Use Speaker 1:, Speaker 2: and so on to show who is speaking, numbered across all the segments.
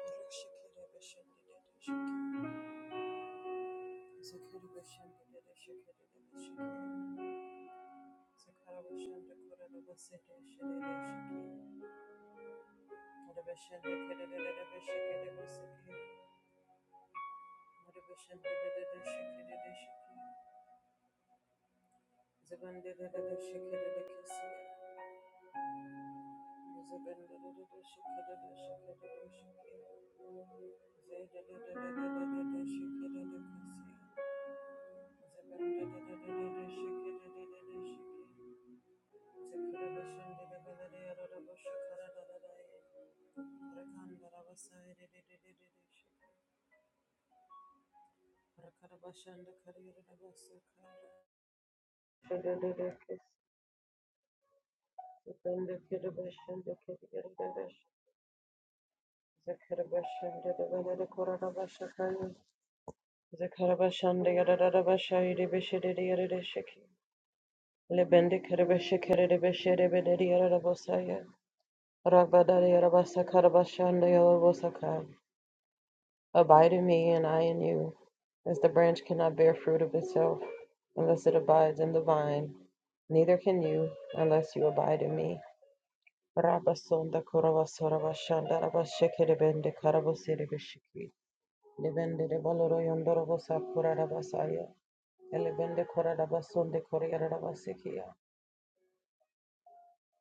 Speaker 1: Zebra Rabba Rabasakaya. Abide in me, and I in you. As the branch cannot bear fruit of itself unless it abides in the vine, neither can you unless you abide in me. Rabasonda kurabasaraba shandaraba shekerebende karabosirebeshiki. de baloro yondorobo sakura Elebende koradabasonde korearabasikia.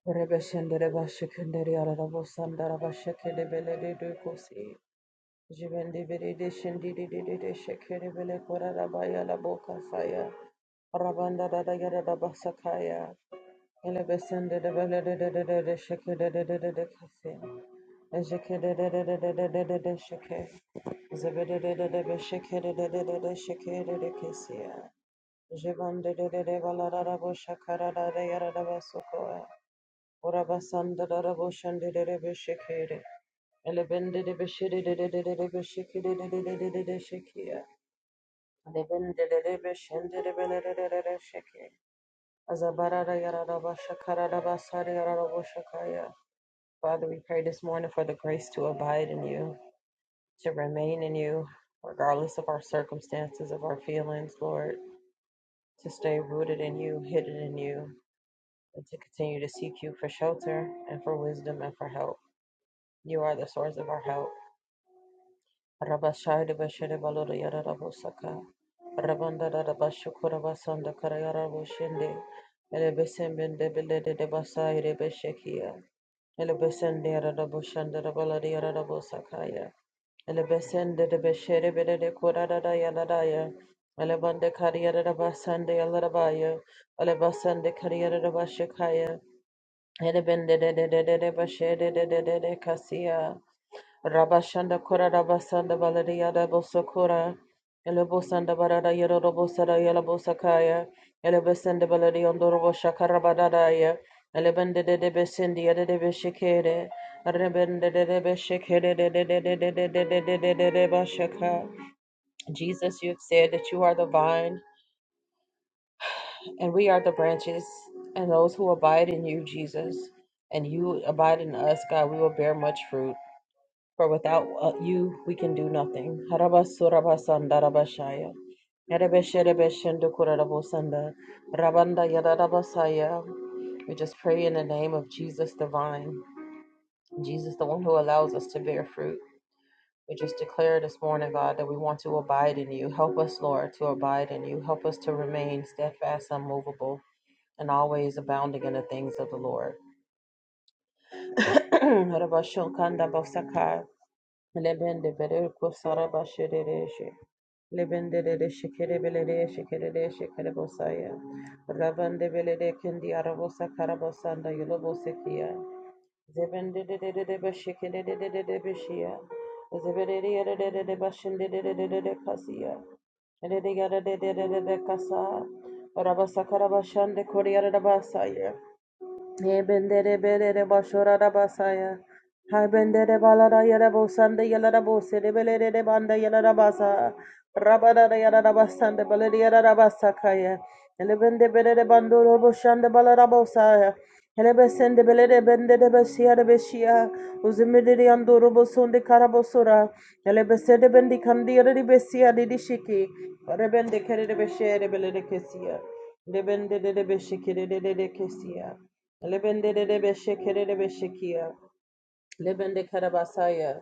Speaker 1: Rebeshende rebashikendere arabosanda rabashekede belede dukosi. Jibendibiridi shindidididi shikiribili kurarabaya laboka saya. Rabanda dadagada dabasakaya. Elebesende debelede shikidededede kasi. Ejikidedededede shike. Zebedededede shikidededede shikidede kisiya. Jibandidede balararabo shakarada yaradabasukoya. Urabasanda darabo shandidede shikiri. Elebendidibishidididididibishikididididididishikiya. Father, we pray this morning for the grace to abide in you, to remain in you, regardless of our circumstances, of our feelings, Lord, to stay rooted in you, hidden in you, and to continue to seek you for shelter and for wisdom and for help. You are the source of our help. Rabashai Bashede Balora Yara Rabosaka Rabanda Rabashukura Basanda Karayara Boshende Elebesembende Belede de Basai Rebeshekia Elebesende Raboshanda Rabalada Yara Rabosakaya Elebesende de Beshere Bede de Kurada Yadadaya Elebande Kariyara Rabasande Yalarabaya Elebasande Kariyara Rabashakaya Elebende de de de de Bashere de de de Kasia Rabashanda Kora Rabasanda Baladia Dabosokora, Elebosanda Barada Yerobosada Yelabosakaya, Elebesenda Baladia Dorobosha Karabadadaya, Elebende de Besindia de Beshikere, Rebende de Beshikere de Bashaka. Jesus, you have said that you are the vine, and we are the branches, and those who abide in you, Jesus, and you abide in us, God, we will bear much fruit. For without uh, you, we can do nothing. Harabasurabasandarabashaya. Erebesherebeshendukurarabosanda. Rabanda yadarabasaya. We just pray in the name of Jesus the vine, Jesus, the one who allows us to bear fruit. We just declare this morning, God, that we want to abide in you. Help us, Lord, to abide in you. Help us to remain steadfast, unmovable, and always abounding in the things of the Lord. Lebende bere kusara başere reşe. Lebende de de şekere bele de şekere de şekere bosaya. Rabande bele de kendi arabosa karabosanda yolo bosekiya. Zebende de de de de beşekere de de de de beşiya. Zebere de yere de de de başinde de de de kasiya. Ele de yere de de de de de kasa. Rabasa karabasande koriyara da basaya. Ebendere belere başora da basaya. Hay bendere balara yere bosanda yere bose de belere de banda yere basa. Rabada da yere basanda belere yere basa kaya. Ele bende belere bandoro boşanda balara bosaya. Hele besende belere bende de beşiya de beşiya. Uzimidiri yandoro bosundi karabosura. Hele besede bendi kandi yere de beşiya dedi şiki. Para bende kere de beşiya de belere kesiya. De bende de de beşikere de de de kesiya. Lebende de debe shekere debe shekia. Lebende karabasaya.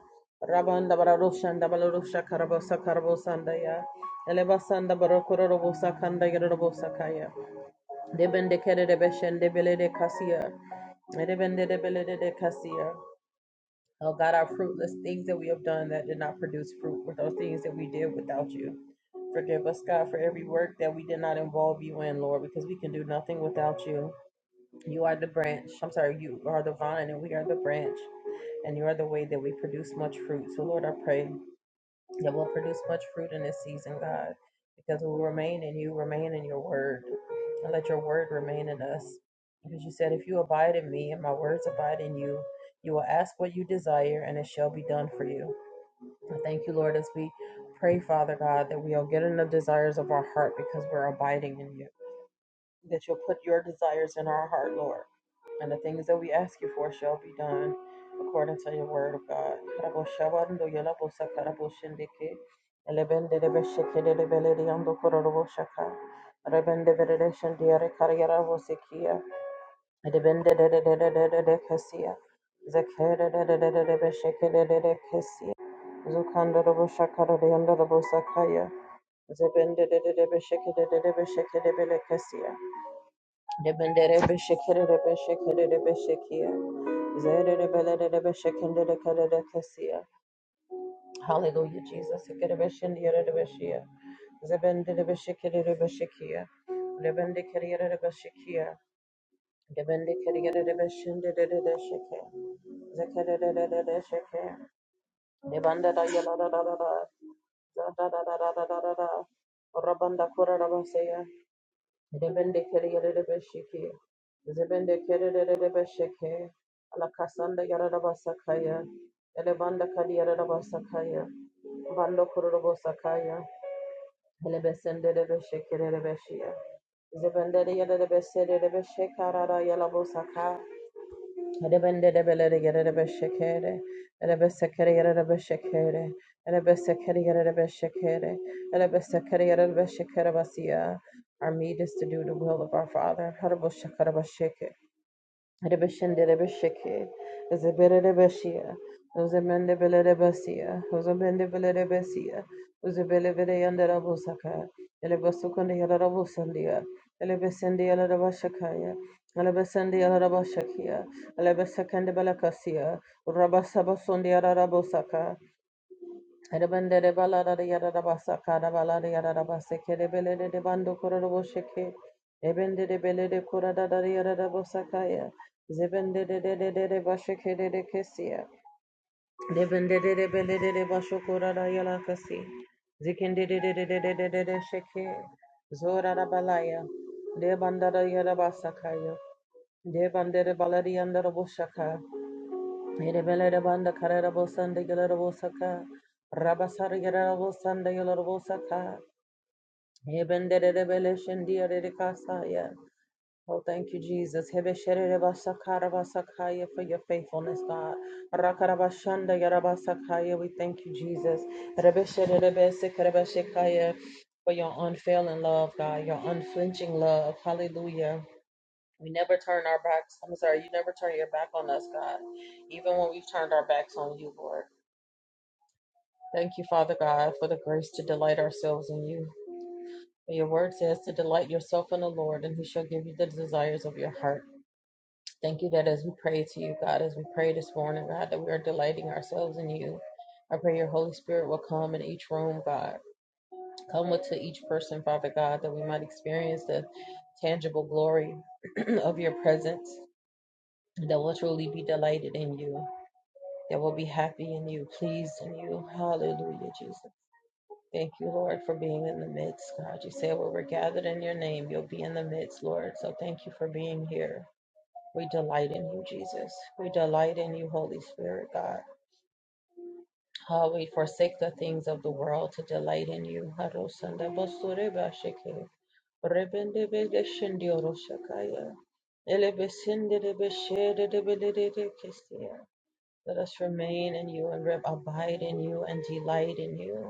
Speaker 1: Rabanda bararoshan da bararosha karabasa karabosandaya. Elebasanda barokorobosa kanda yerobosa kaya. Debende kere debe shende bele de kasia. Debende de bele de kasia. Oh God, our fruitless things that we have done that did not produce fruit or those things that we did without you. Forgive us, God, for every work that we did not involve you in, Lord, because we can do nothing without you. You are the branch. I'm sorry, you are the vine and we are the branch. And you are the way that we produce much fruit. So, Lord, I pray that we'll produce much fruit in this season, God, because we will remain in you, remain in your word, and let your word remain in us. Because you said, if you abide in me and my words abide in you, you will ask what you desire and it shall be done for you. And thank you, Lord, as we pray, Father God, that we'll get in the desires of our heart because we're abiding in you that you'll put your desires in our heart, Lord. And the things that we ask you for shall be done according to your word of God. Debendere beshekere beshekere beshekia. Zere belere beshekendere kerere kesia. Hallelujah, Jesus. Zebende Zebende kerere besheke, zebende kerere besheke, alakasanda yarara basakaya, elebanda kadi yarara basakaya, bando kororo basakaya, elebesende besheke beshia, zebende de yarara besere besheka rara yala bosaka, Adabende de Bele get a beshekere, and a besakere a beshekere, and a besakere a beshekere, and a besakere a beshekere basia. Our meat is to do the will of our Father. Hadabo Shakarabasheke. Rebeshende Rebesheke, Zebere Rebeshia, Uzemende Bele Rebesia, Uzemende Bele Rebesia, Uzebele Vede and Rabusaka, Elebasukundi Rabusandia, Elebesendi Rabashakaya, Elebesendi Rabashakia, Elebesakand Balakasia, Rabasabasundi Rabosaka, Karabandere balada de yada basa kada balada yada basa kere belede de bando kororo sheke. Ebende de belede kurada da yada da bosa kaya. Zebende de de de de de bashe kere de kesia. Debende de de belede de basho kurada yala kasi. Zikende de de de de de de de sheke. Zora da balaya. De bandada yada basa De bandere balada yanda da bosha Erebelerabanda kararabosanda gelarabosaka. Rabasara gelarabosanda gelarabosaka. Ebenderebele shendiarerekasaya. Oh, thank you, Jesus. Hebeshererebasakarabasakaya For your faithfulness, God. Rakarabashanda yarabasakaya. We thank you, Jesus. Rebeshererebesekerebeshekaya. For your unfailing love, God. Your unflinching love. Hallelujah. We never turn our backs. I'm sorry, you never turn your back on us, God, even when we've turned our backs on you, Lord. Thank you, Father God, for the grace to delight ourselves in you. For your word says to delight yourself in the Lord, and he shall give you the desires of your heart. Thank you that as we pray to you, God, as we pray this morning, God, that we are delighting ourselves in you. I pray your Holy Spirit will come in each room, God. Come with to each person, Father God, that we might experience the tangible glory of your presence, that we'll truly be delighted in you. that will be happy in you, pleased in you. Hallelujah, Jesus. Thank you, Lord, for being in the midst, God. You say where we're gathered in your name, you'll be in the midst, Lord. So thank you for being here. We delight in you, Jesus. We delight in you, Holy Spirit, God. How we forsake the things of the world to delight in you. Harosanda basure bashike, rebende bede shindio roshakaya, elebesinde de kestia. Let us remain in you and abide in you and delight in you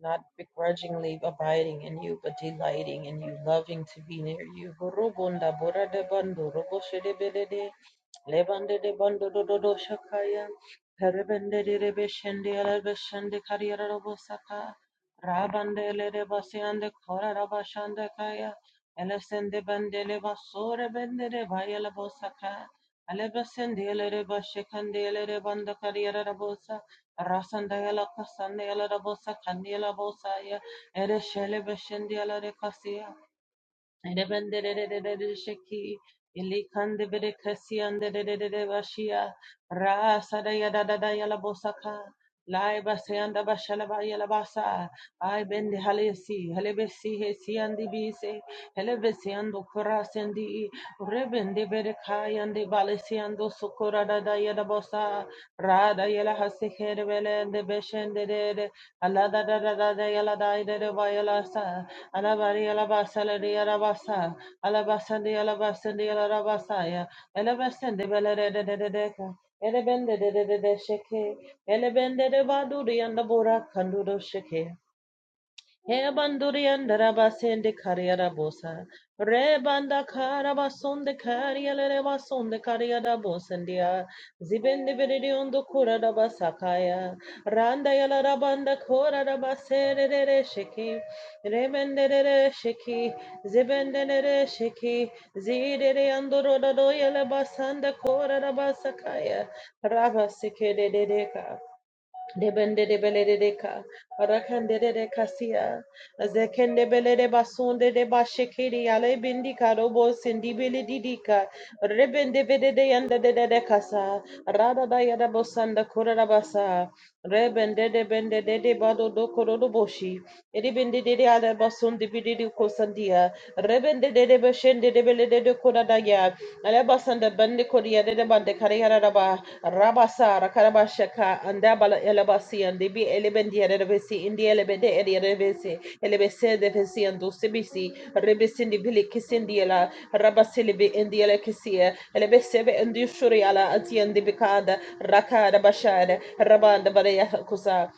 Speaker 1: not begrudgingly abiding in you, but delighting in you, loving to be near you. Gorobunda borada bando roboshedebedede, lebande de bando dododo shakaya, perebende de rebeshende alabeshende kariyara robosaka, rabande le rebasiande kora rabashande kaya, elesende bende le basore bende de baya lebosaka, alebesende le rebashekande le rebanda kariyara Rasandela Casandela Bosa Candela Bosaya Ereshele Beshendela de Cassia Edebende de Sheki Ilikande Bede Cassia and de Bashia Rasa da Yada da Yala Bosaka Lai basayanda bashalaba yalabasa. I bend halesi, he si andi bise, helebesi ando kurasandi, rebende berekai andi balesi ando sukura da da yala yalabosa, rada yala hasikere bele ande beshende de de, ala da da da da da yala da ide de ba yala sa, ala bari yala basa le de yala basa, ala basa de yala basa de yala rabasa ya, helebesi de bele de de de de de ka. Elebende de de de de sheke. Elebende de badu de yanda bora kandu sheke. Hebandurian darabasin de carriera bosa. Rebanda carabason de carriera rebason de carriera bosandia. Zibende veridion do cura da basakaya. Randa yala rabanda cura da basere de sheki. Remende de sheki. Zibende de sheki. Zide de andoro da do yala basanda cura da basakaya. Rabasike de deca. Debende de beledeka, rakande de kasia, zekende belede basunde de bashekiri ale bindika robo sindi beledidika, rebende vede de yanda de de de kasa, rada da yada bosanda kurada basa, rebende de bende de de bado do korodo boshi, eribende de de ala basundi bididi kosandia, rebende de de beshende de belede de kurada Alebasanda bende kodia de bande kariera raba rabasa rakarabashaka andabala elebasi and debi elebendi erebesi indi elebede erebesi elebese defesi and dosibisi rebesindi bili kisindiela bi indi elekisia elebesebe indi shuriala ati andi bikada rakada bashada rabanda baraya kusa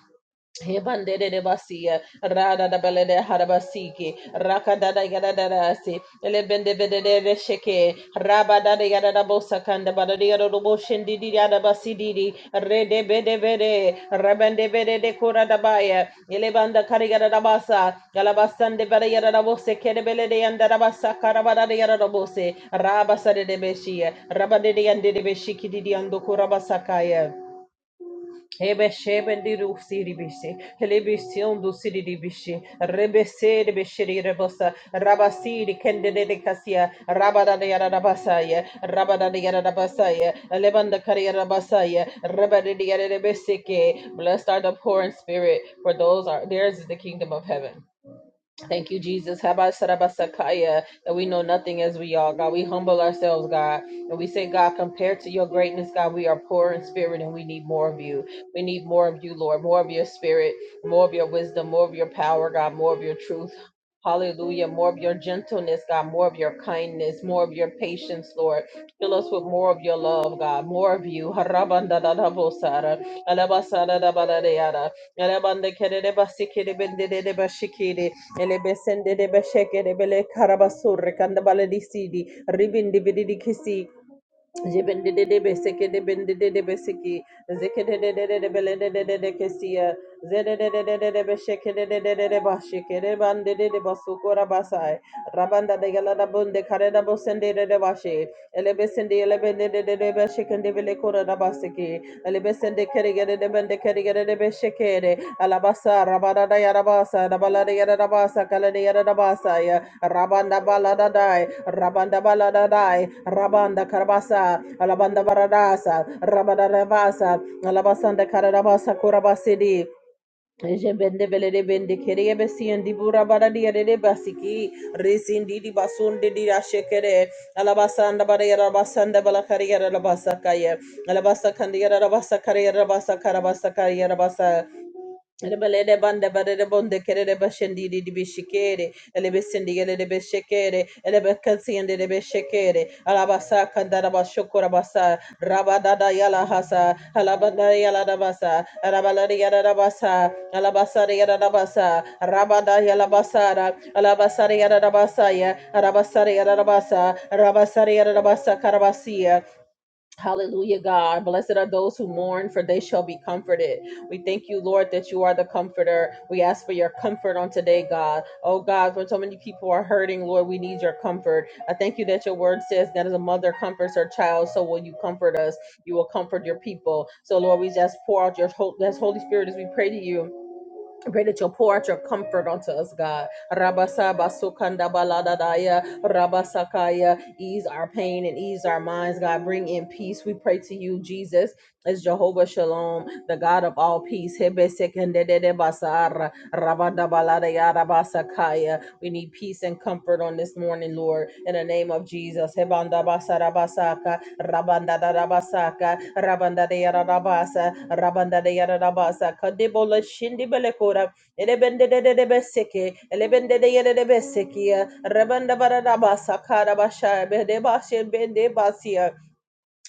Speaker 1: Hebandere de basia, rada da Hebandedebasia, radadabalede harabasiki, rakadadayadadadasi, elebendebededebesheke, rabadadayadadabosakandabadadiyadadoboshendidiyadabasididi, redebedebede, di elebandakarigadadabasa, galabasandebarayadadabosekedebeledeyandadabasakarabadadayadadabose, rabasadedebeshia, rabadedeyandedebeshikididiyandokurabasakai. Ebeshebende do siri bishi, lebision do siri di bishi, rebese de bishiri rebosa, rabasi de kendede de casia, rabada de yarabasaya, rabada de yarabasaya, lebanda carriarabasaya, rabada de yarabeseke. Blessed are the poor in spirit, for those are theirs is the kingdom of heaven. Thank you, Jesus. Habasarabasakaya, That we know nothing as we are, God. We humble ourselves, God. And we say, God, compared to your greatness, God, we are poor in spirit and we need more of you. We need more of you, Lord. More of your spirit, more of your wisdom, more of your power, God, more of your truth. Hallelujah. More of your gentleness, God. More of your kindness, more of your patience, Lord. Fill us with more of your love, God. More of you. Harabandadadabosara, alabasadadabaladiara, alabandakerebasikidibindidibashikidi, Elebesende de besheke de bele karabasur kandabale di sidi ribindi bididi kisi rabanda Zikididididibelididididikisiya. Zidididididibishikidibandididibasukurabasai. Rabandadagaladabundi-karedabusindididibashid. Elebisindi-elebindidididibishikindibilikurabasiki. Elebisindikirigididibindikirigididibishikidi. Alabasa, rabadadayarabasa, dabaladayarabasa, kaladayarabasaya. Rabandabaladadai. Rabanda baladadai, Rabanda karabasa, Alabanda baradasa, Rabada rebasa, Alabasanda karabasa kurabasidi. Jebende belede bende kereye besi endi bura bara diye de basiki resindi di basunde di aşekere alabasanda bara yara basanda bala kare yara basakaye alabasa kandi yara basakare yara basakarabasa kariye yara basa Rebelede bande barede bonde kerede başendiri dibi şikere. Elebe sendi gelede beşekere. Elebe kasiyende de beşekere. Alabasa kandara başokora basa. Rabadada yala hasa. Alabada yala da basa. Arabaları yala da basa. alabasa yala da basa. Rabada yala basara. Alabasarı yala da basa ya. Arabasarı yala da basa. Rabasarı yala da basa karabasiya. Hallelujah, God. Blessed are those who mourn, for they shall be comforted. We thank you, Lord, that you are the comforter. We ask for your comfort on today, God. Oh, God, when so many people are hurting, Lord, we need your comfort. I thank you that your word says that as a mother comforts her child, so will you comfort us. You will comfort your people. So, Lord, we just pour out your Hol- that's Holy Spirit as we pray to you. I pray that you'll pour out your comfort unto us, God. Rabasaba sukanda baladadaya, rabasakaya. Ease our pain and ease our minds, God. Bring in peace. We pray to you, Jesus, as Jehovah Shalom, the God of all peace. Hebe sekendedede basara, rabadabaladaya, rabasakaya. We need peace and comfort on this morning, Lord, in the name of Jesus. Hebanda basara basaka, rabanda da da rabanda de yada rabanda de yada kadebola shindi elebende de de de beseke, elebende de yada de besekia, rabanda bara da bede bashe, bende basia,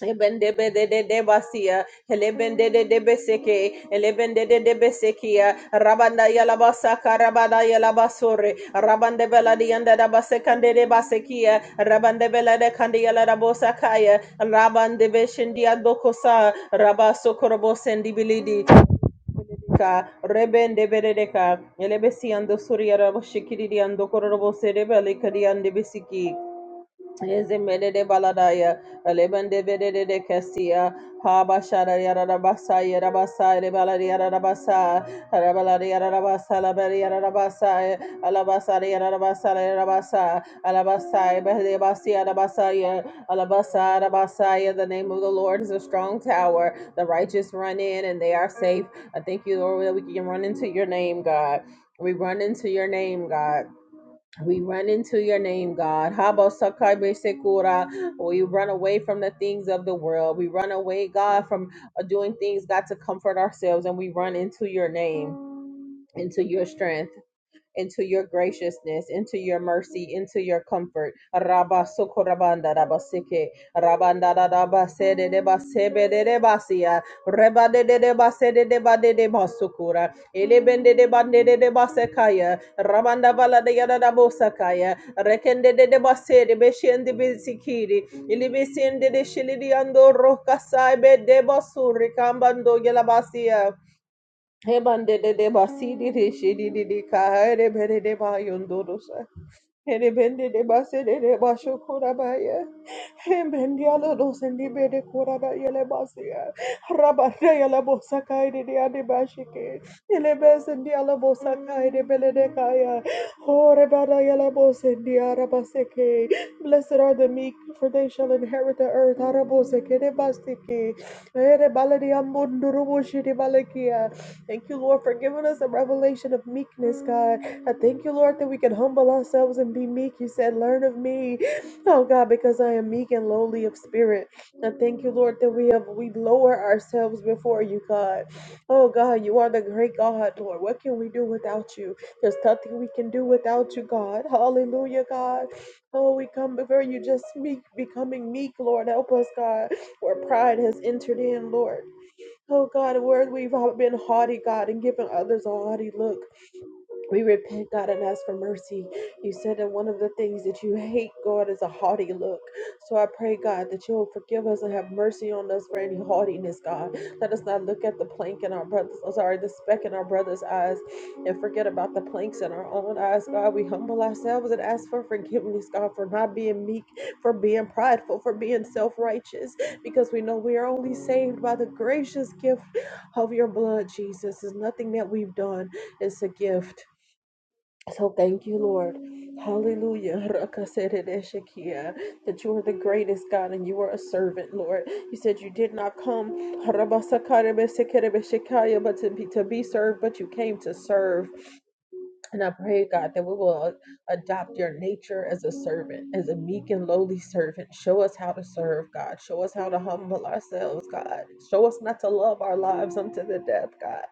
Speaker 1: Ebende be de de de basia, elebende de de beseke, elebende de elebendedebeseke, elebendededebesekia, rabanda yalabasaka, rabanda yalabasore, rabandebela diandadabasekandedebasekia, Rabaso rabandebeshindiadokosa, rabasokorobosendibilidi. Ka rebende berede ka elebesi ando suri arabo shikiri di ando kororobo serebe kadi ande besiki Ezemede baladaya, alebende vedede de kesia, haba shada yada da basa yada basa de baladi yada da basa, arabaladi yada da basa la bari yada da basa, alabasa de yada da basa la yada basa, alabasa behde basi yada basa ya, alabasa da ya. The name of the Lord is a strong tower. The righteous run in and they are safe. I thank you, Lord, that we can run into your name, God. We run into your name, God. We run into your name, God. Habo sakai be sekura. We run away from the things of the world. We run away, God, from uh, doing things, God, to comfort ourselves, and we run into your name, into your strength into your graciousness, into your mercy, into your comfort. Rabba sokorabanda rabba rabanda da de de de de reba de de de de de ba de de ba de de rabanda bala de yada da bo de de de ba de be shen de be ando roka be de ba kambando yela he mande de de ba de di di shi di di di ka de be de kahare bere de ba yondoro Erebende de basede de de basho korabaya. Embendialo dos endibede korabaya le basia. Rabataya la bosakai de de adibashike. Elebes endiala bosakai de beledekaya. Horebaraya la bosendia rabaseke. Blessed are the meek, for they shall inherit the earth. Araboseke de basike. Erebaladi amunduru boshidi balakia. Thank you, Lord, for giving us a revelation of meekness, God. I thank you, Lord, that we can humble ourselves and be meek. You said, Learn of me, oh God, because I am meek and lowly of spirit. I thank you, Lord, that we have we lower ourselves before you, God. Oh God, you are the great God, Lord. What can we do without you? There's nothing we can do without you, God. Hallelujah, God. Oh, we come before you just meek, becoming meek, Lord. Help us, God, where pride has entered in, Lord. Oh God, where we've been haughty, God, and given others a haughty look. We repent, God, and ask for mercy. You said that one of the things that you hate, God, is a haughty look. So I pray, God, that you'll forgive us and have mercy on us for any haughtiness, God. Let us not look at the plank in our brother's, I'm sorry, the speck in our brother's eyes and forget about the planks in our own eyes, God. We humble ourselves and ask for forgiveness, God, for not being meek, for being prideful, for being self righteous, because we know we are only saved by the gracious gift of your blood, Jesus. It's nothing that we've done, it's a gift. So thank you, Lord. Hallelujah. Rakaseredeshekia, That you are the greatest God and you are a servant, Lord. You said you did not come Harabasakarebesekerebeshekaya, but to be, to be served, but you came to serve. And I pray, God, that we will adopt your nature as a servant, as a meek and lowly servant. Show us how to serve, God. Show us how to humble ourselves, God. Show us not to love our lives unto the death, God.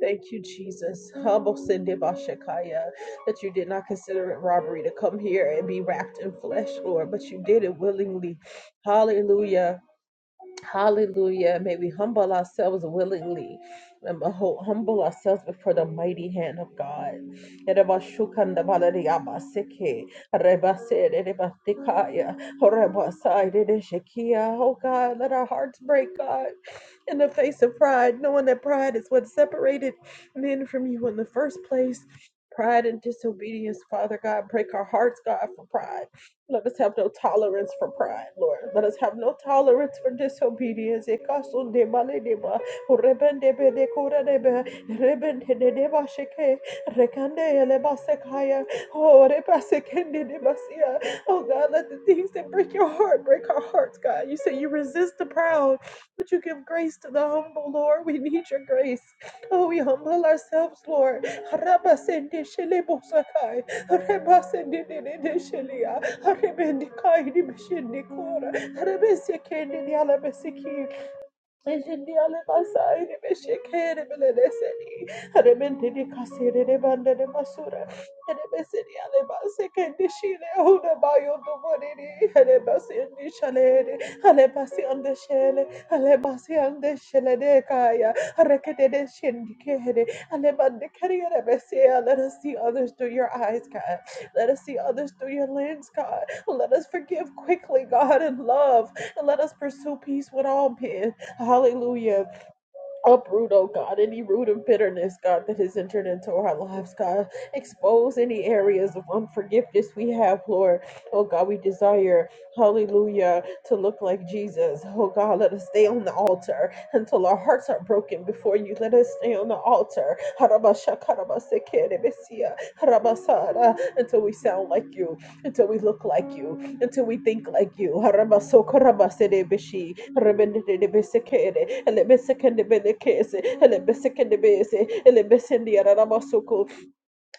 Speaker 1: Thank you, Jesus. Humble Sinde Bashakaya, that you did not consider it robbery to come here and be wrapped in flesh, Lord, but you did it willingly. Hallelujah. Hallelujah. May we humble ourselves willingly and beho- humble ourselves before the mighty hand of God. Oh God, let our hearts break, God, in the face of pride, knowing that pride is what separated men from you in the first place. Pride and disobedience, Father God, break our hearts, God, for pride. Let us have no tolerance for pride, Lord. Let us have no tolerance for disobedience. Ekasundeba ledeba, urebendebe dekoradebe, rebendedeba sheke, rekandeeleba sekaya, oh, reba sekendedeba siya. Oh, God, let the things that break your heart break our hearts, God. You say you resist the proud, but you give grace to the humble, Lord. We need your grace. Oh, we humble ourselves, Lord. Haraba sende shelebo sakai. Rebasendedededeshelia. Rebendikaidibeshindikora. Rebesekendidialabesekia. Ejendi ale masai de besheke de beleleseni. Remente de kasere de bande de masura. De beseni ale baseke de shile huna bayo do bonini. Ale basendi shale de. Ale basi ande shele. Ale basi ande shele de kaya. Rekete de shendi kere. Ale bande kere de besea. Let us see others through your eyes, God. Let us see others through your lens, God. Let us forgive quickly, God, in love. And let us pursue peace with all men. Hallelujah. Uproot, oh God, any root of bitterness, God, that has entered into our lives, God. Expose any areas of unforgiveness we have, Lord. Oh God, we desire, hallelujah, to look like Jesus. Oh God, let us stay on the altar until our hearts are broken before you. Let us stay on the altar. Harabashakarabasekerebesia, harabasara, Until we sound like you, until we look like you until we think like you. Harabaso karabasedebishi, rabendebesekere, elebesekendebelekese, elebesekendebese, elebesendiarabasuku,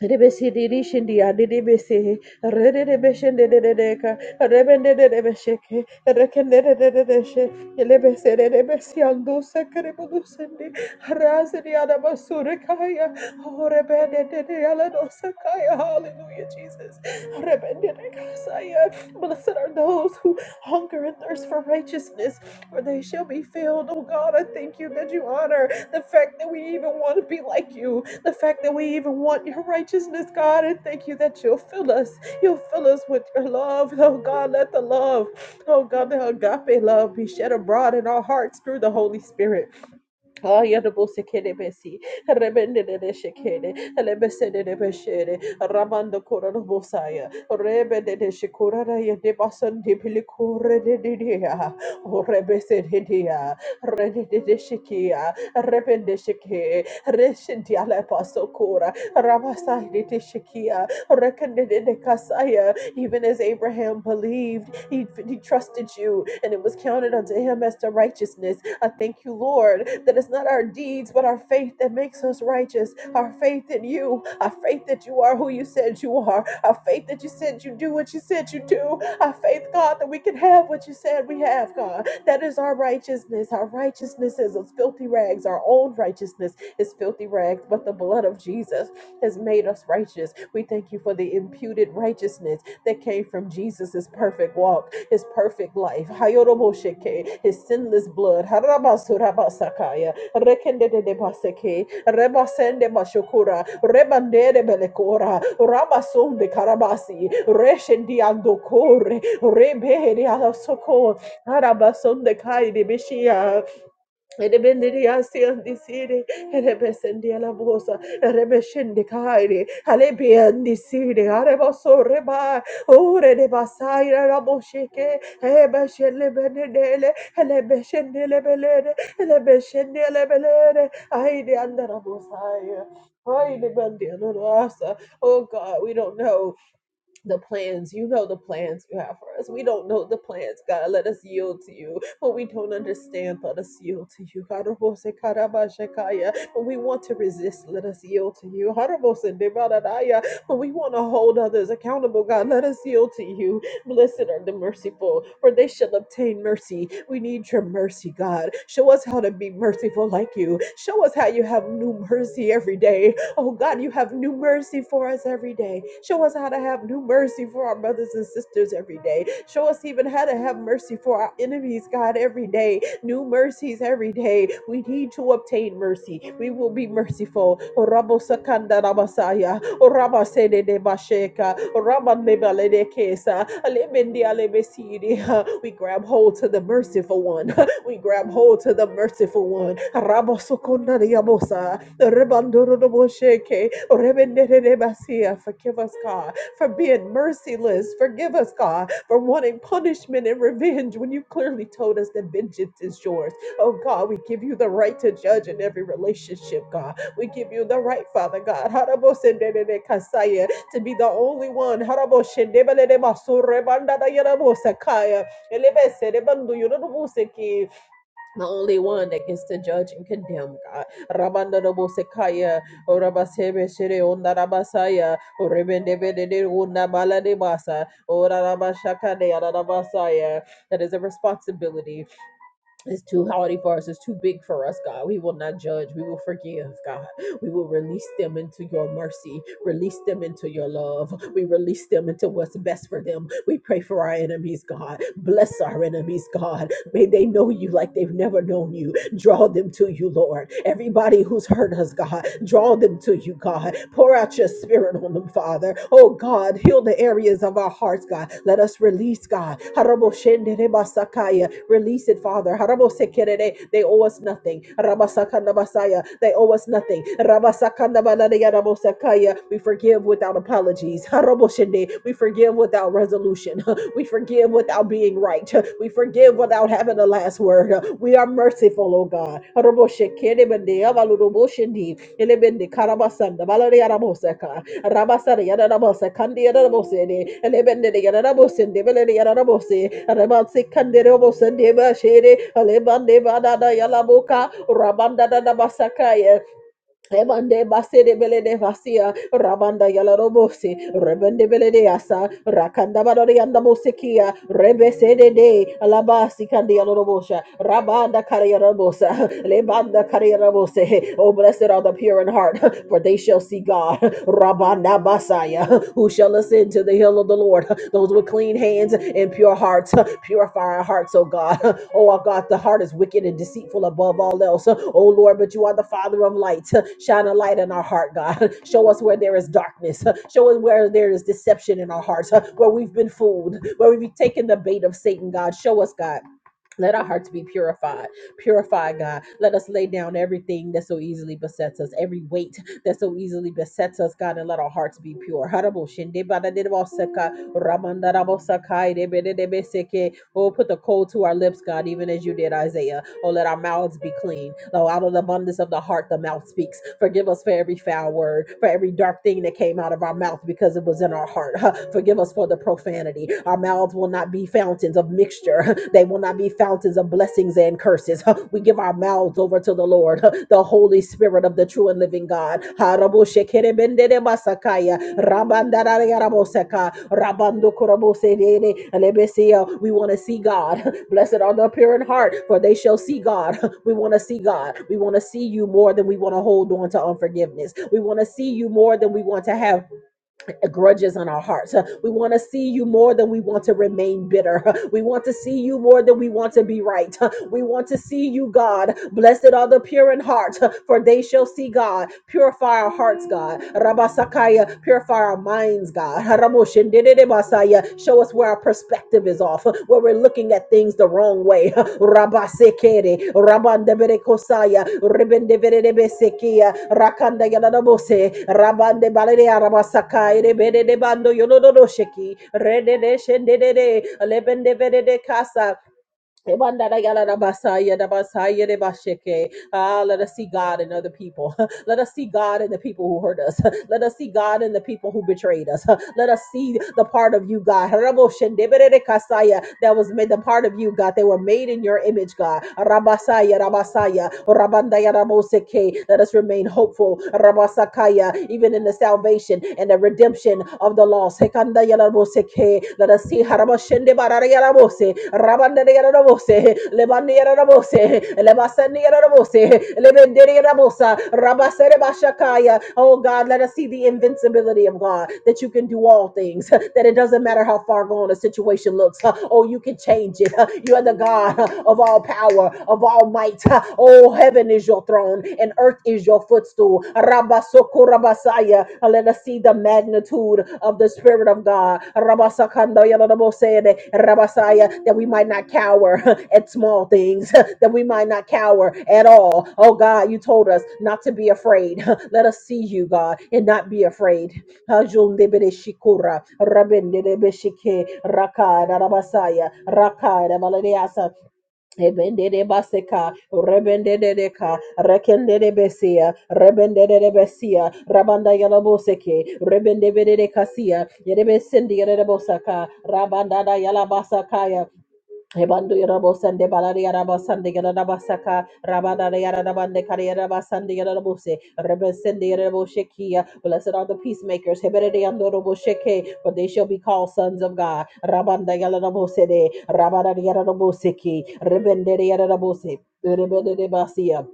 Speaker 1: rebesi. Rebesidirishin diadidibisi, redidibishin dididideka, rebendididibishiki, rekendididididishe, elebesedidibisi andusa keribudusindi, harazidi adabasurikaya, oh, kaya. Hallelujah, Jesus. Rebende, Rebendidikasaya. Blessed are those who hunger and thirst for righteousness, for they shall be filled. Oh God, I thank you that you honor the fact that we even want to be like you. The fact that we even want your righteousness, God, and thank you that you'll fill us. You'll fill us with your love. Oh God, let the love, oh God, the agape love be shed abroad in our hearts through the Holy Spirit. Ayadabose kelebesi, rebende de shekede, lebese de beshere, rabando kora no bosaya, rebe de de de basan de pilikore de de o rebese de rede de de rebende sheke, reshinti ala paso kora, rabasai de de shekia, de de even as Abraham believed, he, he trusted you, and it was counted unto him as to righteousness I thank you, Lord, that it's not our deeds, but our faith that makes us righteous. Our faith in you, our faith that you are who you said you are, our faith that you said you do what you said you do, our faith, God, that we can have what you said we have, God. That is our righteousness. Our righteousness is as filthy rags. Our own righteousness is filthy rags, but the blood of Jesus has made us righteous. We thank you for the imputed righteousness that came from Jesus' perfect walk his perfect life, Hayorobosheke, his sinless blood, Harabasurabasakaya, Rekendede de Baseke, Rebasende Bashokura, Rebande de Belekora, Rabasun de Karabasi, Reshendi Andokore, Rebe de Alasoko, Harabasun de Kai de Bishia, Erebenderia siandisiri, erebesendia la bosa, erebeshendikairi, alebiandisiri, areboso reba, ure de basaira raboshike, ebeshenlebenedele, elebeshendelebelede, elebeshendelebelede, aide andarabosaya. Aide bandianarasa. Oh God, we don't know the plans. You know the plans you have for us. We don't know the plans, God. Let us yield to you. When we don't understand, let us yield to you. When we want to resist, let us yield to you. When we want to hold others accountable, God, let us yield to you. Blessed are the merciful, for they shall obtain mercy. We need your mercy, God. Show us how to be merciful like you. Show us how you have new mercy every day. Oh God, you have new mercy for us every day. Show us how to have new mercy for our brothers and sisters every day. Show us even how to have mercy for our enemies, God, every day. New mercies every day. We need to obtain mercy. We will be merciful. Oh, rabo sakanda rabasaya. Oraba sede de basheka. Oraba nebale de kesa. Alemendi alebesiri. We grab hold to the merciful one. We grab hold to the merciful one. Rabosokonariabosa, Rebandorodobosheke, Rebenerebasia. Forgive us, God, for being merciless. Forgive us, God, for wanting punishment and revenge when you clearly told us that vengeance is yours. Oh, God, we give you the right to judge in every relationship, God. We give you the right, Father God, Harabosenderekasaya, to be the only one. Haraboshendebelebasurebandadayarabosakaya, elebeserebanduyurubuseki, the only one that gets to judge and condemn God. Rabanda no Rabandabo Sekaya, Orabasebe Shere Onda Rabasaya, Orebendebede Onda Baladebasa, Orabashaka de Arabasaya. That is a responsibility. It's too haughty for us, it's too big for us, God. We will not judge, we will forgive, God. We will release them into your mercy, release them into your love. We release them into what's best for them. We pray for our enemies, God. Bless our enemies, God. May they know you like they've never known you. Draw them to you, Lord. Everybody who's hurt us, God, draw them to you, God. Pour out your spirit on them, Father. Oh, God, heal the areas of our hearts, God. Let us release, God. Harabo shendere basakaya. Release it, Father. Harabo sekerere. They owe us nothing nothing. Rabasakanda Basaya, they owe us nothing. Rabasakanda Banadayada Bosakaya, we forgive without apologies. Haroboshende, we forgive without resolution. We forgive without being right. We forgive without having the last word. We are merciful, O God. Haroboshekende Bende, Avaludoboshende elebende karabasanda balari yaraboseka rabasari yarabose kandi yarabose de elebende de yarabose de beleri yarabose rabansi kandere obose de başere elebande badada yalaboka rabanda da da basaka Ebande basere bele de vasia rabanda yala robose rebende bele de asa rakanda barore anda bosekia rebese de de alabasi kandi yala robosha rabanda kare yala robosa lebanda kare yala robose oh blessed are the pure in heart for they shall see God rabanda basaya who shall ascend ascend to the hill of the Lord. Those with clean hands and pure hearts, purify our hearts, oh God. Oh, our God, the heart is wicked and deceitful above all else. Oh, Lord, but you are the Father of light. Shine a light in our heart, God. Show us where there is darkness. Show us where there is deception in our hearts, where we've been fooled, where we've taken the bait of Satan, God. Show us, God. Let our hearts be purified. Purify, God. Let us lay down everything that so easily besets us, every weight that so easily besets us, God, and let our hearts be pure. Ramandarabosakai debedebeseke. Oh, put the coal to our lips, God, even as you did, Isaiah. Oh, let our mouths be clean. Though out of the abundance of the heart, the mouth speaks. Forgive us for every foul word, for every dark thing that came out of our mouth because it was in our heart. Forgive us for the profanity. Our mouths will not be fountains of mixture, they will not be fountains of blessings and curses. We. We give our mouths over to the Lord, the Holy Spirit of the true and living God. We want to see God. Blessed are the pure in heart, for they shall see God. We want to see God. We want to see you more than we want to hold on to unforgiveness. We want to see you more than we want to have grudges on our hearts. Uh, We want to see you more than we want to remain bitter. Huh? We want to see you more than we want to be right. Huh? We want to see you, God. Blessed are the pure in heart, huh? for they shall see God. Purify our hearts, God. Rabasakaya, purify our minds, God. Show show us where our perspective is off, where we're looking at things the wrong way. Rabasekere, Rabandebere Kosaya, Ribendebere Sekia, Rakanda Yanabose, Rabande Balere Arabasakai, Rebede de Bando Yonodosheki, Rede de Shende de Lebende de Casa, Ebandarayalarabasaya, dabasaya, debashike. Ah, let us see God in other people. Let us see God in the people who hurt us. Let us see God in the people who betrayed us. Let us see the part of you, God. Raboshendeberekasaya, That was made the part of you, God. They were made in your image, God. Rabasaya, rabasaya, rabandaya, raboseke. Let us remain hopeful, rabasakaya, even in the salvation and the redemption of the lost. Hekandaya, raboseke. Let us see. Harabashendebarayarabose rabose, rabandere rabose, lebandere rabose, lebasandere rabose, lebendere rabosa, rabasere bashakaya. Oh God, let us see the invincibility of God that you can do all things, that it doesn't matter how far gone a situation looks. Oh, you can change it. You are the God of all power, of all might. Oh, heaven is your throne and earth is your footstool. Rabasokura Rabasaya. And Let us see the magnitude of the Spirit of God. Rabasakanda yadadabosede, Rabasaya, that we might not cower at small things, that we might not cower at all. Oh God, you told us not to be afraid. Let us see you, God, and not be afraid. Hajundebede shikura, rabendebeshike, rakada rabasaya, rakada baladeasa. Ebendede baseka, rebendede deka, Ebendedebaseka, rebendededeka, rekendedebesia, rebendededebesia, rabanda yalaboseke, rebendebededekasia, yedebesendi yedebosaka, rabandada yalabasakaya, Ebando yarabo sande balari yarabo sande yarabo saka rabada yarabo de kari yarabo sande yarabo se rebe yarabo shekia. Blessed are the peacemakers. heberede de yandorobo sheke, for they shall be called sons of God. Rabanda yarabo se de rabada yarabo seki rebende yarabo se rebende basia.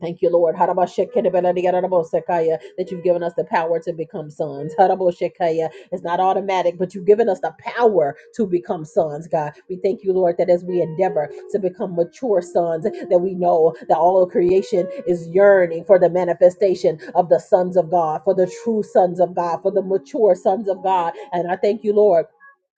Speaker 1: Thank you, Lord. Harabashekelebeladiyararabosekaya, That you've given us the power to become sons. Haraboshekaya. It's not automatic, but you've given us the power to become sons, God. We thank you, Lord, that as we endeavor to become mature sons, that we know that all of creation is yearning for the manifestation of the sons of God, for the true sons of God, for the mature sons of God. And I thank you, Lord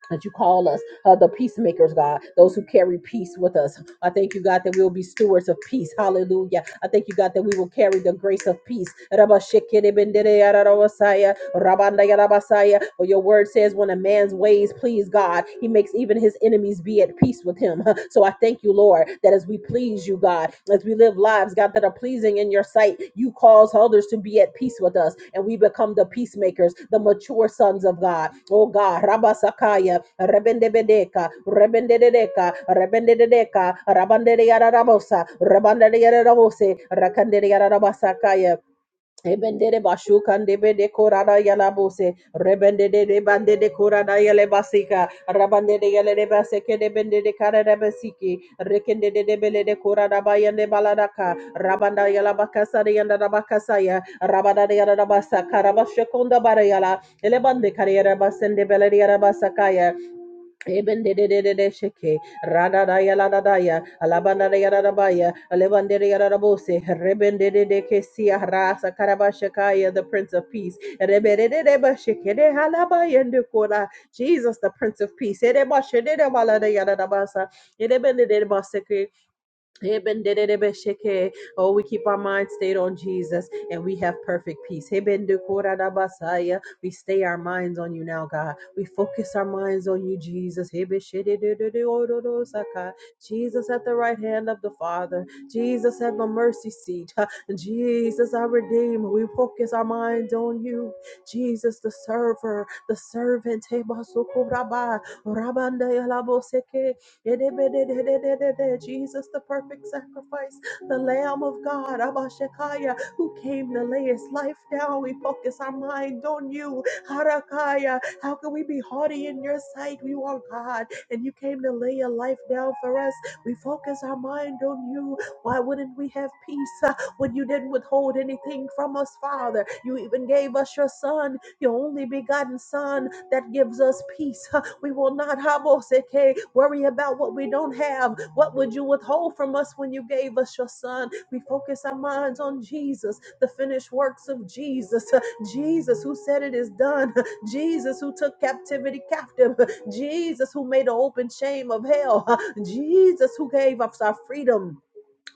Speaker 1: that you call us uh, the peacemakers, God, those who carry peace with us. I thank you, God, that we will be stewards of peace. Hallelujah. I thank you, God, that we will carry the grace of peace. Rabashikidibendireyararabasaya, rabandayarabasaya. For your word says, when a man's ways please God, he makes even his enemies be at peace with him. So I thank you, Lord, that as we please you, God, as we live life lives, God, that are pleasing in your sight. You cause others to be at peace with us, and we become the peacemakers, the mature sons of God. Oh God, Rabasakaya, Rebendebedeka, Rebendedeka, Rebendedeka, Rabanderiarabosa, Rabanderiarabose, Rakanderiarabasakaya. Ebende de bashu kande bende korada yala bose rebende de de bande de korada yale basika rabande de yale de baseke de bende de kara de basiki rekende de de bele de korada bayande baladaka rabanda yala bakasa de yanda bakasa ya rabada de yala basaka rabashe konda bara yala elebande kare yala basende bele de yala basaka Eben de de de de de sheke, rada da ya la da da ya, alabanda da ya, da da ba ya alebanda da ya da da bose. reben de de alabanadayadadabaya, alebandedeyadadabose, rebendededekesia, rasa karabashakaya, The Prince of Peace. rebe de de de ba sheke Rebedededebashekede, halabayendekora, Jesus, the Prince of Peace. ede ba shede de ba la da ya da da ba sa ede ben de de Edebashededemaladayadadabasa, edebendededebaseke ebenderebe Oh, we keep our mind stayed on Jesus and we have perfect peace. ebendekora We stay our minds on you now, God. We focus our minds on you, Jesus. Ebeshededededororosaka. Jesus at the right hand of the Father. Jesus at the mercy seat. Ha. Jesus, our Redeemer. We focus our minds on you. Jesus, the server, the servant. Ebasukuraba. Rabandayalaboseke. Jesus, the perfect sacrifice, the Lamb of God, Abashakaya, who came to lay his life down. We focus our mind on you, Harakaya. How can we be haughty in your sight? You are God, and you came to lay your life down for us. We focus our mind on you. Why wouldn't we have peace uh, when you didn't withhold anything from us, Father? You even gave us your Son your only begotten Son that gives us peace. huh. We will not haboseke, worry about what we don't have. What would you withhold from us when you gave us your Son? We focus our minds on Jesus, the finished works of Jesus. huh. Jesus who said it is done. huh. Jesus who took captivity captive. huh. Jesus who made the open shame of hell. huh. Jesus who gave us our freedom.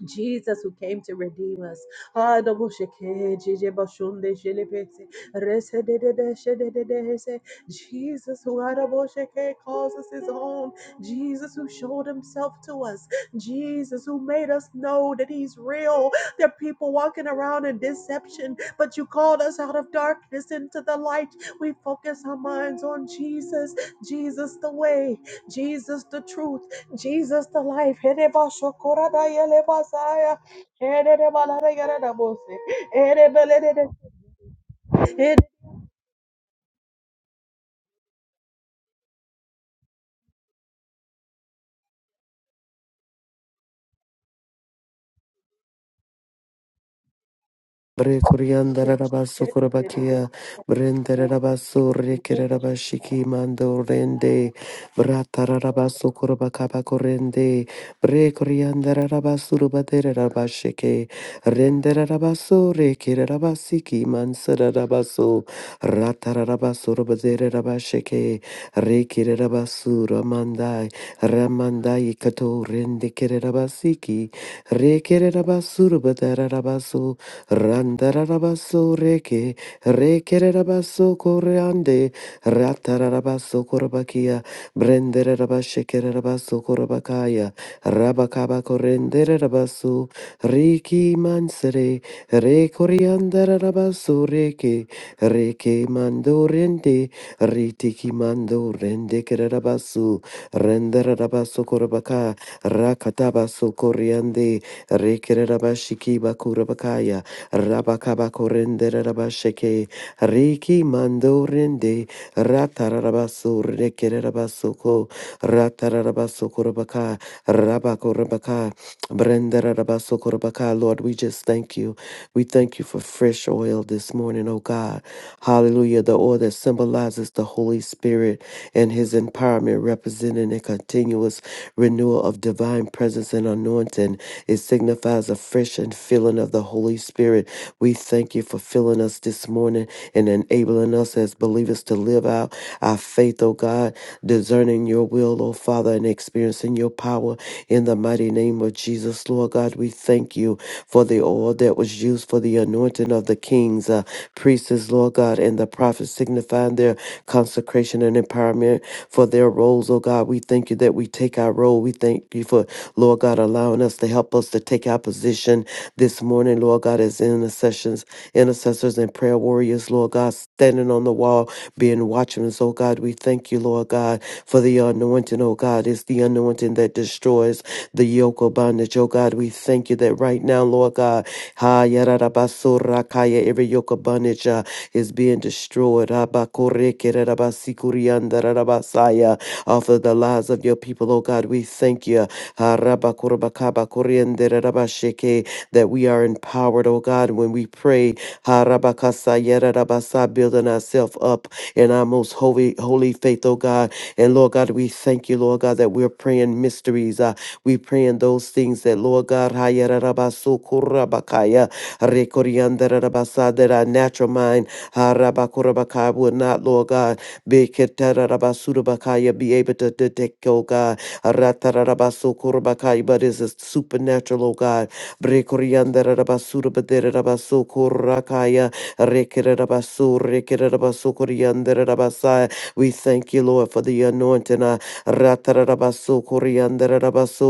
Speaker 1: Jesus who came to redeem us. Adoboshike, jijebashunde, jelebese, resededede, shedededese. Jesus who Adoboshike, calls us his own. Jesus who showed himself to us. Jesus who made us know that he's real. There are people walking around in deception, but you called us out of darkness into the light. We focus our minds on Jesus. Jesus the way. Jesus the truth. Jesus the life. Hedebashokoradaya lebasaya. Hededebalarayarabose. Hedebelede- Hede-
Speaker 2: Bre coriander rabasu kurabakia, brendere rabasu rekere rabashiki mando rende, bratara rabasu kurabakaba korende, bre coriander rabasu rubatere rabashike, rendere rabasu rekere rabasiki mansara rabasu, ratara rabasu rubatere rabashike, rekere rabasu ramandai, ramandai kato rende kere rabasiki, rekere rabasu rubatere rabasu, Randarabaso reke, rekererabaso koreande, ratarabaso korabakia, brenderabashekererabaso korabakaya, rabakaba korenderabaso, riki mansere, rekoriandarabaso reke, reke mando rende, ritiki mando rende kererabaso, renderabaso korabaka, rakatabaso koreande, rekererabashiki bakurabakaya, Rabakabakorende Rabasheke, Riki Mandorende, Ratarabasur, Rekerabasoko, Ratarabasoko Rabaka, Rabakorabaka, Brendarabasokorobakai. Lord, we just thank you. We thank you for fresh oil this morning, oh God. Hallelujah. The oil that symbolizes the Holy Spirit and his empowerment, representing a continuous renewal of divine presence and anointing. It signifies a fresh and filling of the Holy Spirit. We thank you for filling us this morning and enabling us as believers to live out our faith, oh God, discerning your will, oh Father, and experiencing your power in the mighty name of of Jesus. Lord God, we thank you for the oil that was used for the anointing of the kings, uh, priests, Lord God, and the prophets, signifying their consecration and empowerment for their roles, oh God. We thank you that we take our role. We thank you for, Lord God, allowing us to help us to take our position this morning, Lord God, as intercessions, intercessors and prayer warriors, Lord God, standing on the wall, being watchmen. Oh God, we thank you, Lord God, for the anointing, oh God. It's the anointing that destroys the yoke yoke of bondage. Oh God, we thank you that right now, Lord God, ha yarabasura kaya, every yoke of bondage uh, is being destroyed. Abakoreke rarabasikurianda rarabasaya, Off of the lives of your people, oh God, we thank you. Ha rabakurabakabakuriende rarabasheke, That we are empowered, oh God, when we pray. Ha rabakasaya rarabasa, Building ourselves up in our most holy, holy faith, oh God. And Lord God, we thank you, Lord God, that we're praying mysteries. Uh, we pray praying those things that, Lord God, Hayarabasukurabakaya, Rekoriandarabasa, that our natural mind, Harabakurabakaya, will not, Lord God, be Ketarabasudabakaya, be able to detect, oh God, Ratarabasukurabakaya, but it's a supernatural, oh God, Brekoriandarabasudabaderabasukurakaya, Rekerabasu, Rekerabasukuriandarabasa. We thank you, Lord, for the anointing. uh, Ratarabasu, Kuriandarabasu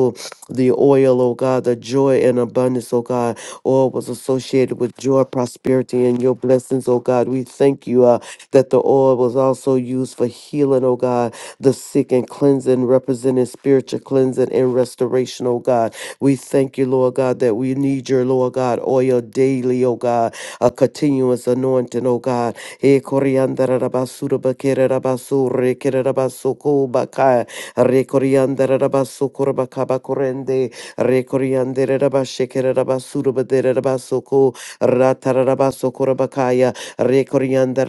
Speaker 2: the oil, oh God, the joy and abundance, oh God. Oil was associated with joy, prosperity, and your blessings, oh God. We thank you uh, that the oil was also used for healing, oh God, the sick and cleansing, representing spiritual cleansing and restoration, oh God. We thank you, Lord God, that we need your, Lord God, oil daily, oh God, a continuous anointing, oh God. Eh, koriandara rabasu, rabakere rabasu, rekere rabasu, kobakaya. Rekorianda Rabasu Kurabakabakurende Rekoriande Rabashekere Rabasurabade Rabasoko Ratarabasoko Rabakaya Rekoriande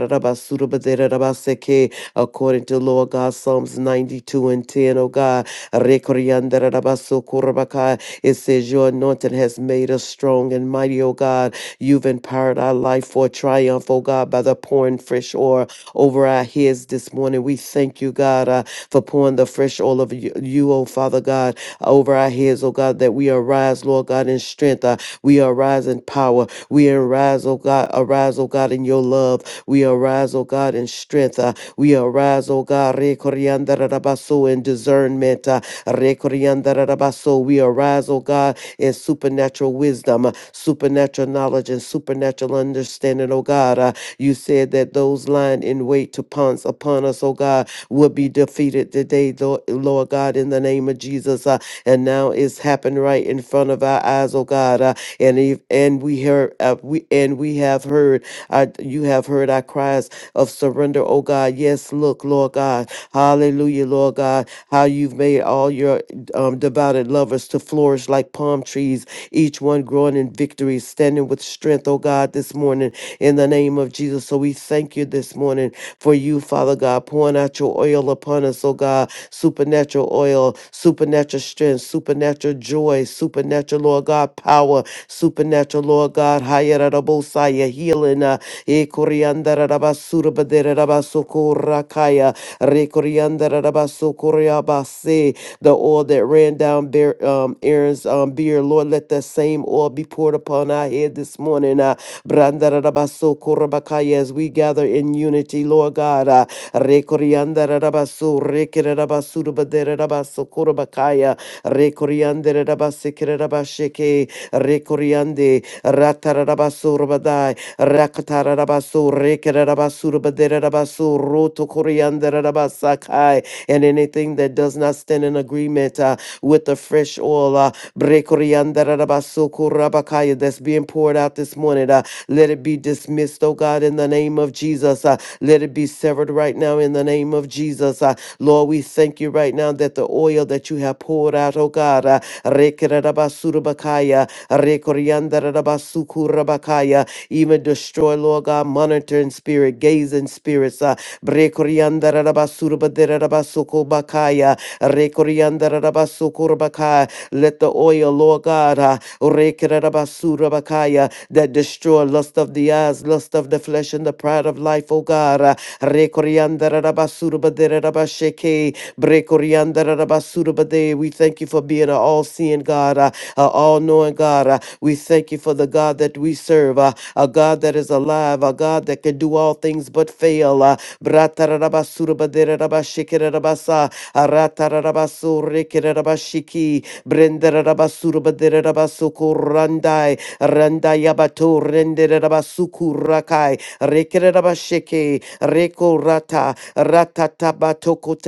Speaker 2: Rabaseke according to Lord God Psalms 92 and 10, O God Rekoriande Rabasoko Rabakaya it says your anointing has made us strong and mighty O God you've empowered our life for triumph O God by the pouring fresh oil over our heads this morning we thank you God uh, for pouring the fresh oil of you, you, oh Father God, over our heads, oh God, that we arise, Lord God, in strength. Uh, we arise in power. We arise, oh God, arise, oh God, in your love. We arise, oh God, in strength. Uh, we arise, oh God, re koriandarabaso, in discernment. Uh, re koriandarabaso. we arise, oh God, in supernatural wisdom, uh, supernatural knowledge, and supernatural understanding, oh God. Uh, you said that those lying in wait to pounce upon us, oh God, will be defeated today, tho- Lord God, in the name of Jesus. Uh, and now it's happened right in front of our eyes, oh God. Uh, and if, and we heard uh, we and we have heard uh, you have heard our cries of surrender, oh God. Yes, look, Lord God, Hallelujah, Lord God, how you've made all your um, devoted lovers to flourish like palm trees, each one growing in victory, standing with strength, oh God, this morning in the name of Jesus. So we thank you this morning for you, Father God, pouring out your oil upon us, oh God, supernatural oil, supernatural strength, supernatural joy, supernatural, Lord God, power, supernatural, Lord God, Hayarabosaya, healing, uh, Ekoriandarabasurabaderabasokora-kaya, Rekoriandarabasokoriabase, the oil that ran down Bear- um, Aaron's um, beard, Lord, let that same oil be poured upon our head God, this morning. Uh, Brandarabaso Korabakaya, as we gather in unity, Lord God. Uh, Rekoriandarabaso, Rekerabasudabaderabaso Korabakaya, Rekoriandarabasekerabasheke, Rekoriande, Ratarabaso Rabadai, Rakatarabaso, Rekerabasudabaderabaso, and anything that does not stand in agreement. Uh, with the fresh oil uh, brekoriandarabasukurabakaya, that's being poured out this morning. Uh, let it be dismissed, oh God, in the name of Jesus. Uh, let it be severed right now in the name of Jesus. Uh, Lord, we thank you right now that the oil that you have poured out, oh God, uh, rekererabasurabakaya, rekoriandarabasukurabakaya, even destroy, Lord God, monitoring spirit, gazing spirits, uh, brekoriandarabasukurabakaya, Rekorianda Rabasurabadera Rabasoko Bakaya. Rekoriandarabasukurbakaya. Let the oil, Lord God, uh, Rekererabasurabakaya, that destroy lust of the eyes, lust of the flesh, and the pride of life, O God. uh, Rekoriandarabasurbaderabasheke, Brekoriandarabasurabade. We thank you for being an all seeing God, uh, an all knowing God. uh, We thank you for the God that we serve. uh, a God that is alive, a God that can do all things but fail. Uh, Bratarabasurabaderabashikerabasa, Aratarabasurikirabashiki, Brenderabasurabaderabasukurandai, Randayabato renderabasukurakai, Rekirabashiki, Rekorata,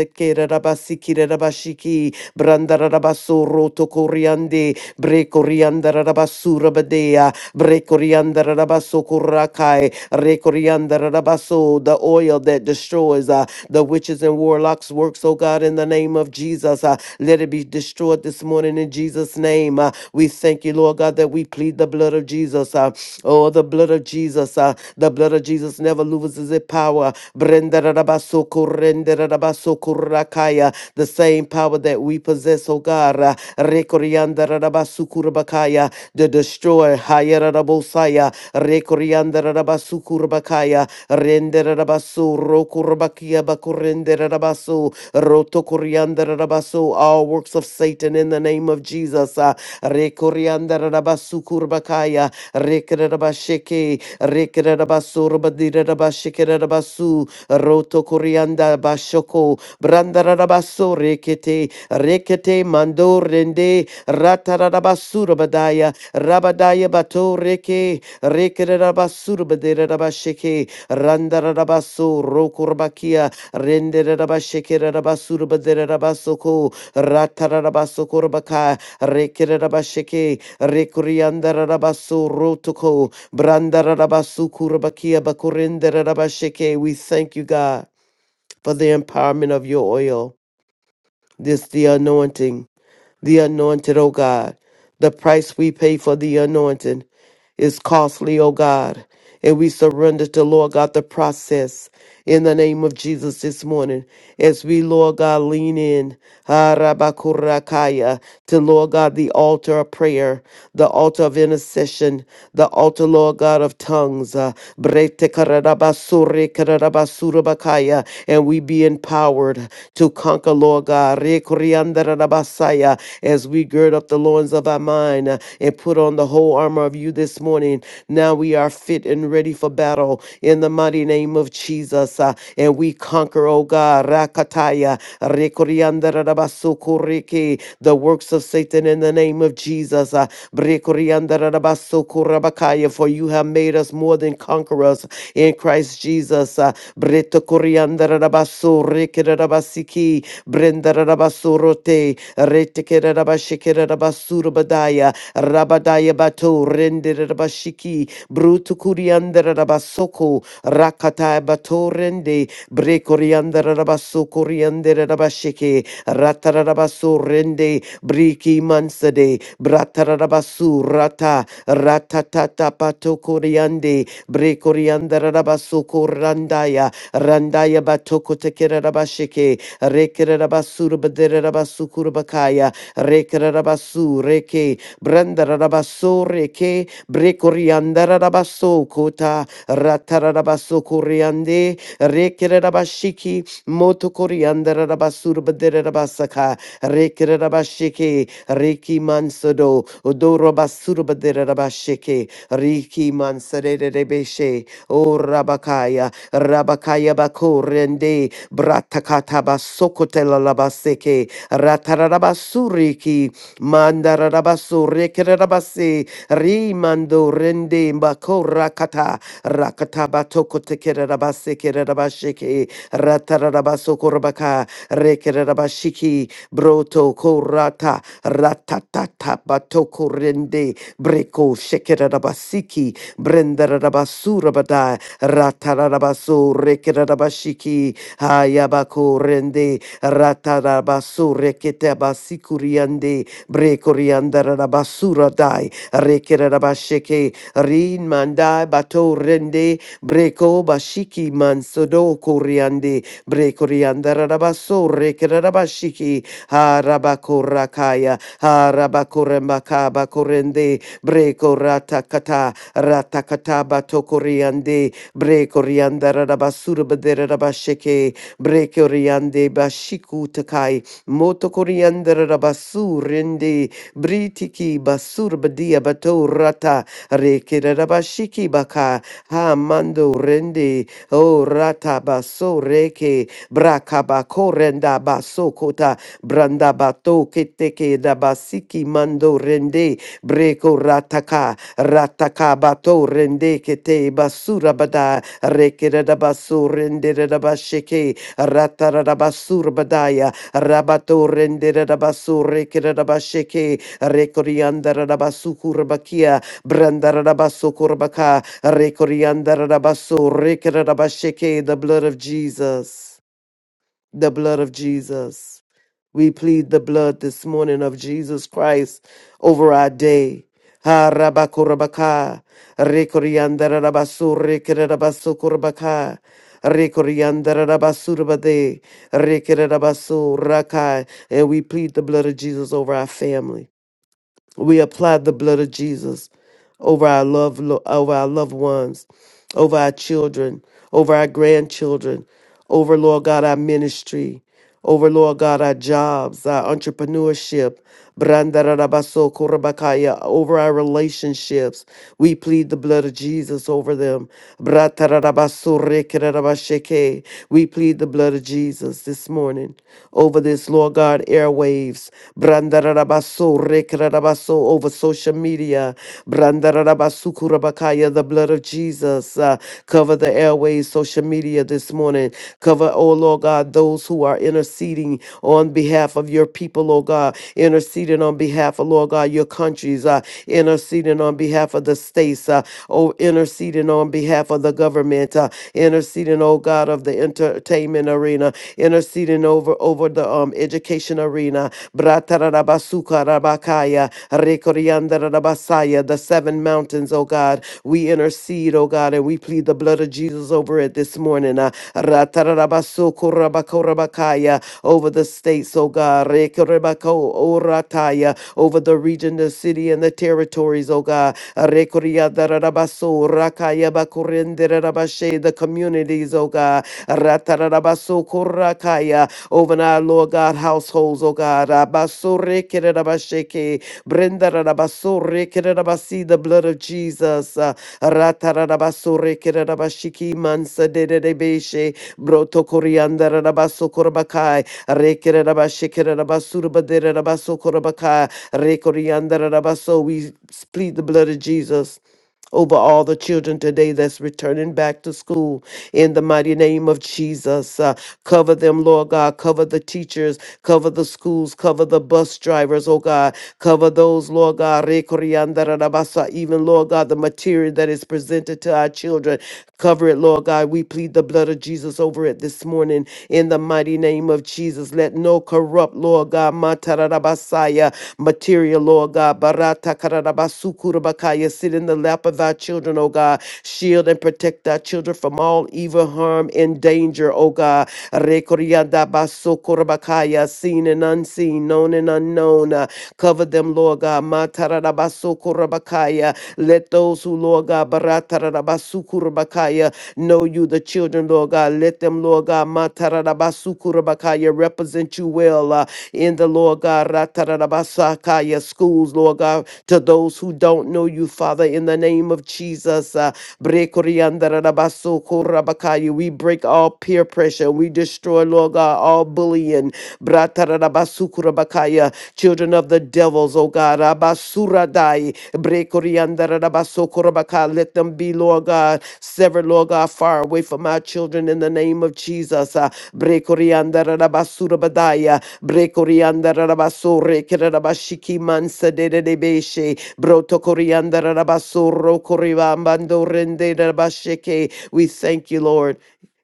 Speaker 2: Ratatabatokoteke, Brandarabasuro tokoriande, Brekoriandarabasura Brekorianda rabaso kurakai. Rekorianda rabaso. The oil that destroys uh, the witches and warlocks works, oh God, in the name of Jesus. Uh, let it be destroyed this morning in Jesus' name. Uh, we thank you, Lord God, that we plead the blood of Jesus. Uh, oh, the blood of Jesus. Uh, the blood of Jesus never loses its power. Brenda rabaso kurende rabaso kurakaya. The same power that we possess, oh God. Uh, Rekorianda rabaso kurabakaya the destroyer. Hayarabosaya, Rekoriandarabasukurbakaya, Renderabasu, Rokurbakia Bakurenderabasu, Rotokoriandarabasu, all works of Satan in the name of Jesus. Ah, Rekoriandarabasukurbakaya, Rekerabasheke, Rekerabasurbadirabashekerabasuh, Roto Corianda Bashoko, Brandarabaso Rekete, Rekete Mando Rende, Ratarabasura Badaya, Rabadaya bato reke, reke rabasur badere rabasheke, randa rabaso, rokurbakia, rende rabasheke rabasur badere rabasoko, ratarabaso korbaka, reke rabasheke, rekurianda rabaso rotoko, branda rabasu kurbakia rabasheke. We thank you, God, for the empowerment of your oil, this the anointing, the anointed, O God. The price we pay for the anointing is costly, O God. And we surrender to, Lord God, the process in the name of Jesus this morning as we, Lord God, lean in harabakurakaya, to, Lord God, the altar of prayer, the altar of intercession, the altar, Lord God, of tongues. uh, bretekarabasurekarabasurebakaya, And we be empowered to conquer, Lord God, rekuriandarabasaya, as we as we gird up the loins of our mind uh, and put on the whole armor of you this morning. Now we are fit and ready for battle in the mighty name of Jesus. uh, and we conquer, oh God, Rakataya, Rekoriandarabasokoreke, the works of Satan in the name of Jesus. uh, Brekoriandarabasokorabakaya, for you have made us more than conquerors in Christ Jesus. uh, Bretokoriandarabasorekerabasiki, Brendarabasorote, Retekere rabashikere rabasura badaya. Rabadaya bato rendere rabashiki. Brutu kuriandere rabasoko. Rakataya bato rende. Bre koriandere rabasoko riandere rabashike. Ratara rabaso rende. Briki mansade. Bratara rabasu rata. Ratatata pato koriande. Bre koriandere rabasoko randaya. Randaya batoko tekere rabashike. Rekerabasura Baderabasukura Kurubakaya, Rekarabasu, Reke, Brandarabaso, Reke, Brekoriandarabaso, Kota, Ratarabaso, Koriande, Rekerabashiki, Moto Koriandarabasur, Baderabasaka, Rekerabashiki, Reki Mansado, Odorabasur, Baderabashiki, Riki Mansare Rebeshe, O Rabakaya, Rabakaya Bako, Bratakataba sokotela labaseke. Ratarabasuriki. Mandarabasurikirabase. Rimando rende mbako rakata. Rakataba tokotekerabaseke. rabasheke, Ratarabasokorabaka. Rekerabashiki. Broto korata. Ratatata batoko rende Breko shekerabasiki. Brendarabasura badai. Ratarabasu rekerabashiki. Hayabako rende ratarabasu reketabasikuriyande brekoriandarabasura dai rekerabasheke rin mandai bato rende breko bashiki mansodo kuriande brekoriandarabasu rekerabashiki harabakorakaya harabakoremakaba korende breko ratakata ratakata bato kuriande. Bre coriandara rabasura badera rabasheke. Bre coriande bashiku takai. Moto coriandara rabasurende. Britiki basur badia bato rata. Reke rabashiki baka. Ha mando rende. O rata baso reke. Brakabako renda baso kota. Branda bato keteke da basiki mando rende. Breko rataka. Ratakabato rende kete basura bada rekerada basu renderada basheke ratarada basur badaya rabato renderada basu rekerada basheke rekoriandarada basu kurbakia brandarada basu kurbaka rekoriandarada basu rekerada basheke the blood of Jesus the blood of Jesus we plead the blood this morning of Jesus Christ over our day. Ha rabakurabaka, rekoriandarabasu, rekererabasu kurabaka, rekoriandarabasurabade, rekerabasu rakai. And we plead the blood of Jesus over our family. We apply the blood of Jesus over our love, over our loved ones, over our children, over our grandchildren, over, Lord God, our ministry, over, Lord God, our jobs, our entrepreneurship, Brandararabaso korabakaya, over our relationships. We plead the blood of Jesus over them. Bratararabaso rekerarabashake. We plead the blood of Jesus this morning over this, Lord God, airwaves. Brandararabaso rekerarabaso, over social media. Brandararabasukurabakaya, The blood of blood of Jesus. Uh, cover the airways, social media this morning. Cover, oh Lord God, those who are interceding on behalf of your people, oh God, interceding on behalf of, Lord God, your countries, uh, interceding on behalf of the states, uh, oh, interceding on behalf of the government, uh, interceding, oh God, of the entertainment arena, interceding over over the um, education arena. Bratarabasuka rabakaya, rekoriandarabasaya, the seven mountains, oh God. We intercede, oh God, and we plead the blood of Jesus over it this morning. Uh, ratarabasukurabakaya, over the states, oh God. Rekerebako orataya, Over the region, the city, and the territories, oh God. Rekoriadarabaso, rakayabakurenderabashe, The communities, oh God. Ratarabasukurakaya, Over our Lord God households, oh God. Rabasorekerabasheke, Brenda Rabaso Rekerabasi, the blood of Jesus. Uh, Ratarabaso Rekerabashiki Mansa de Debeshe, Broto Coriander Rabaso Korabakai, Rekerabashikerabasura Baderabaso Korabakai, Rekoriander Rabaso. We plead the blood of Jesus over all the children today that's returning back to school in the mighty name of Jesus. Uh, Cover them, Lord God. Cover the teachers, cover the schools, cover the bus drivers, oh God. Cover those, Lord God, Rekoriandarabasa, even, Lord God, the material that is presented to our children. Cover it, Lord God. We plead the blood of Jesus over it this morning in the mighty name of Jesus. Let no corrupt, Lord God, Matarabasaya, material area, Lord God. Barata kararabasukurabakaya. Sit in the lap of our children, oh God. Shield and protect our children from all evil, harm, and danger, oh God. Rekoriadabasokurabakaya. Seen and unseen, known and unknown. Uh, Cover them, Lord God. Matararabasokurabakaya. Let those who, Lord God, Rabakaya. Know you, the children, Lord God. Let them, Lord God, Matarabasuku represent you well uh, in the Lord God, Ratarabasakaya schools, Lord God, to those who don't know you, Father, in the name of Jesus. Uh, Brekoriandarabasuku we break all peer pressure. We destroy, Lord God, all bullying. Bratarabasuku Rabakaya children of the devils, O God. Abasuradai, brekoriandarabasokorobakai. Let them be, Lord God, severed, Lord God, far away from my children in the name of Jesus. Ah, brekoriandarabasurabadia, brekoriandarabashorekerabashikimansadededebeshe, brotokoriandarabasorokoribambandorendedabasheke. We thank you, Lord.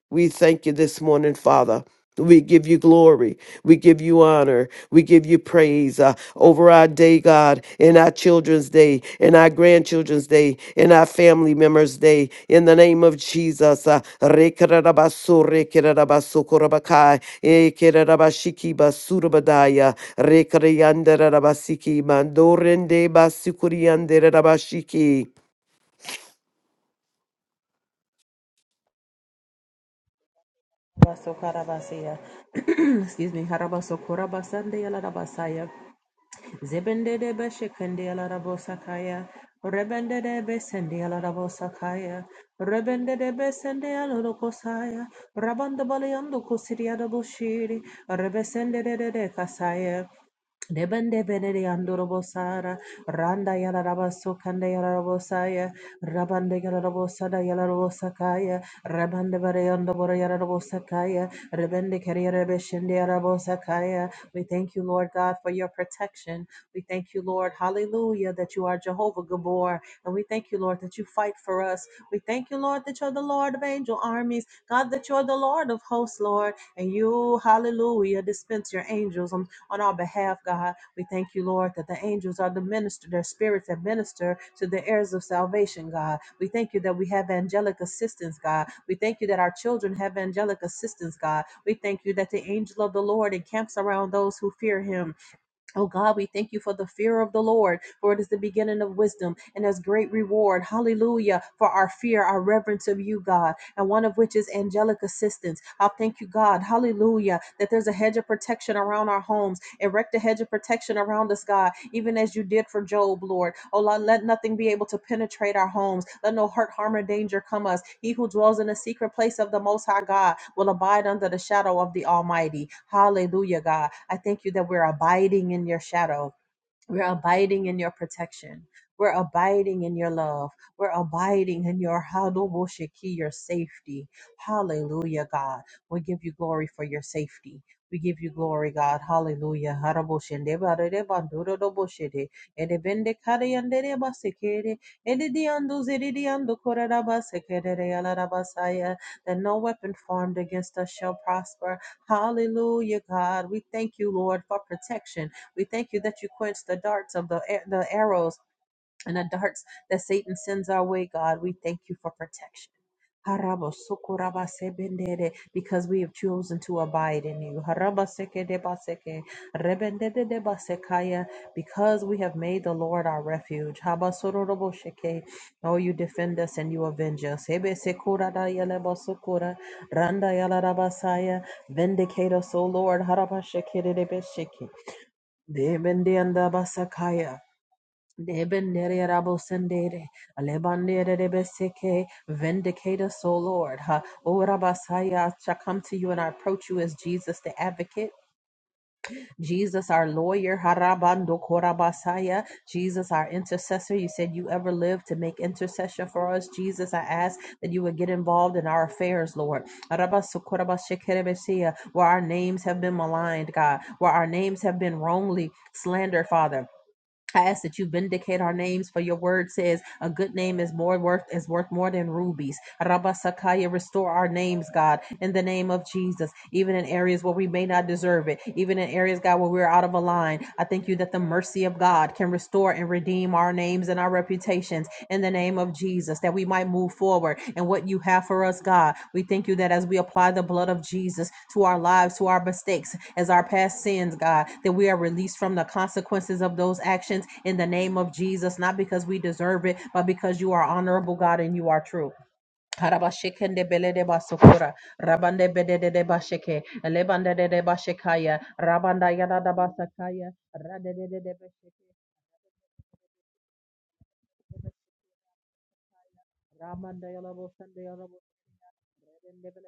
Speaker 2: We thank you this morning, Father. We give you glory. We give you honor. We give you praise uh, over our day, God, in our children's day, in our grandchildren's day, in our family members' day, in the name of Jesus. Uh, Rekererabaso, rekererabaso, korabakai, ekererabashiki basurabadaya, rekereyandererabasiki, mandorende basikuriyandererabashiki.
Speaker 1: Hedebasokarabasia. Excuse me. Harabasokorabasandeyalarabasaya. Zebendedebeshekendeyalarabosakaya. Rebendedebesendeyalarabosakaya. Rebendedebesendeyalarokosaya. Rabandabaleandokusiriadaboshiri. Rebesendededekasaya. Debende benede andorobosara, randa yalarabaso kanda yalarabosaya, rabande yalarabosada yalarabosakaya, rabande bareyandobora yalarabosakaya, rebende kerierebeshende yalarabosakaya. We thank you, Lord God, for your protection. We thank you, Lord, hallelujah, that you are Jehovah Gabor. And we thank you, Lord, that you fight for us. We thank you, Lord, that you're the Lord of angel armies. God, that you're the Lord of hosts, Lord. And you, hallelujah, dispense your angels on our behalf, God. We thank you, Lord, that the angels are the minister, their spirits that minister to the heirs of salvation, God. We thank you that we have angelic assistance, God. We thank you that our children have angelic assistance, God. We thank you that the angel of the Lord encamps around those who fear him. Oh God, we thank you for the fear of the Lord, for it is the beginning of wisdom and as great reward. Hallelujah. For our fear, our reverence of you, God and one of which is angelic assistance. I thank you, God, hallelujah, that there's a hedge of protection around our homes. Erect a hedge of protection around us, God, even as you did for Job, Lord. Oh, Lord, let nothing be able to penetrate our homes. Let no hurt, harm, or danger come us. He who dwells in the secret place of the Most High God will abide under the shadow of the Almighty. Hallelujah, God. I thank you that we're abiding in your shadow. We're abiding in your protection. We're abiding in your love. We're abiding in your Hadoboshiki, your safety. Hallelujah, God. We give you glory for your safety. We give you glory, God. Hallelujah. Haraboshende barede banduro doboshede. Ede bende kare yandere basekere. Ede diandu ziri ando korera basekere yala basaya. That no weapon formed against us shall prosper. Hallelujah, God. We thank you, Lord, for protection. We thank you that you quench the darts of the, the arrows and the darts that Satan sends our way, God. We thank you for protection. Harabo sokoraba sebendere, Because we have chosen to abide in you. Haraba seke deba seke, rebendede deba sekaya, Because we have made the Lord our refuge. Haba sororobo sheke, Oh, you defend us and you avenge us. Hebe sekura da yelebo sokora, randa yalarabasaya, Vindicate us, O Lord. Haraba sheke debe sheke. Debende anda basakaya. Debendere rabosendere. Alebandere rebeseke. Vindicate us, O Lord. Ha. O rabasaya shall come to you and I approach you as Jesus the advocate, Jesus our lawyer. Harabando korabasaya. Jesus our intercessor. You said you ever lived to make intercession for us. Jesus, I ask that you would get involved in our affairs, Lord. Arabasokorabashekerebesia. Where our names have been maligned, God. Where our names have been wrongly slandered, Father I ask that you vindicate our names, for your word says a good name is more worth is worth more than rubies. Rabba Sakaya, restore our names, God, in the name of Jesus, even in areas where we may not deserve it, even in areas, God, where we're out of a line. I thank you that the mercy of God can restore and redeem our names and our reputations in the name of Jesus, that we might move forward and what you have for us, God. We thank you that as we apply the blood of Jesus to our lives, to our mistakes, as our past sins, God, that we are released from the consequences of those actions in the name of Jesus, not because we deserve it, but because you are honorable, God, and you are true. Harabashikende belede basokora, rabande bedede de bashike, lebande de bashikaya, rabanda yada da basakaya, radede de bashike, ramanda yala bosande yala bosande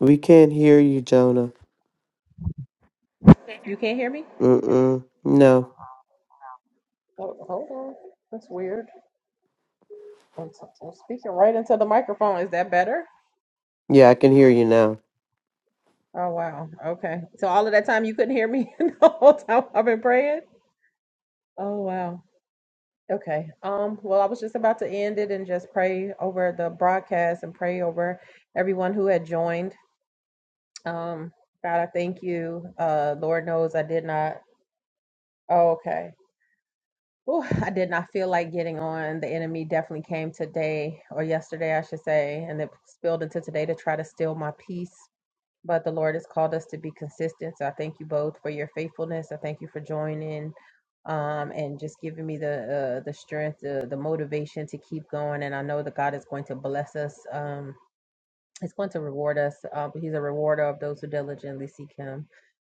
Speaker 2: We can't hear you, Jonah.
Speaker 1: You can't hear me?
Speaker 2: Mm-mm. No.
Speaker 1: Oh, hold on. That's weird. I'm, s am speaking right into the microphone. Is that better?
Speaker 2: Yeah, I can hear you now.
Speaker 1: Oh, wow. Okay. So all of that time you couldn't hear me the whole time I've been praying? Oh, wow. Okay. Um, well, I was just about to end it and just pray over the broadcast and pray over everyone who had joined. Um, God, I thank you. Uh, Lord knows I did not. Oh, okay. Ooh, I did not feel like getting on. The enemy definitely came today or yesterday, I should say, and it spilled into today to try to steal my peace. But the Lord has called us to be consistent. So I thank you both for your faithfulness. I thank you for joining um, and just giving me the uh, the strength, the, the motivation to keep going. And I know that God is going to bless us. Um, He's going to reward us. Uh, he's a rewarder of those who diligently seek him.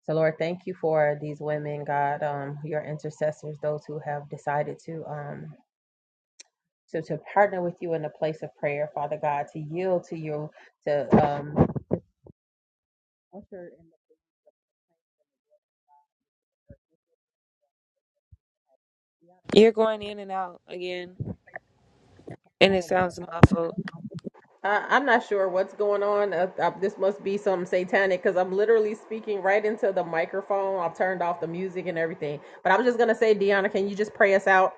Speaker 1: So, Lord, thank you for these women, God, um, your intercessors, those who have decided to um, to, to partner with you in a place of prayer, Father God, to yield to you, to um, usher in the
Speaker 3: You're going in and out again, and it
Speaker 1: Oh, Lord.
Speaker 3: sounds muffled.
Speaker 1: I, I'm not sure what's going on. Uh, uh, this must be something satanic because I'm literally speaking right into the microphone. I've turned off the music and everything. But I'm just going to say, Deanna, can you just pray us out?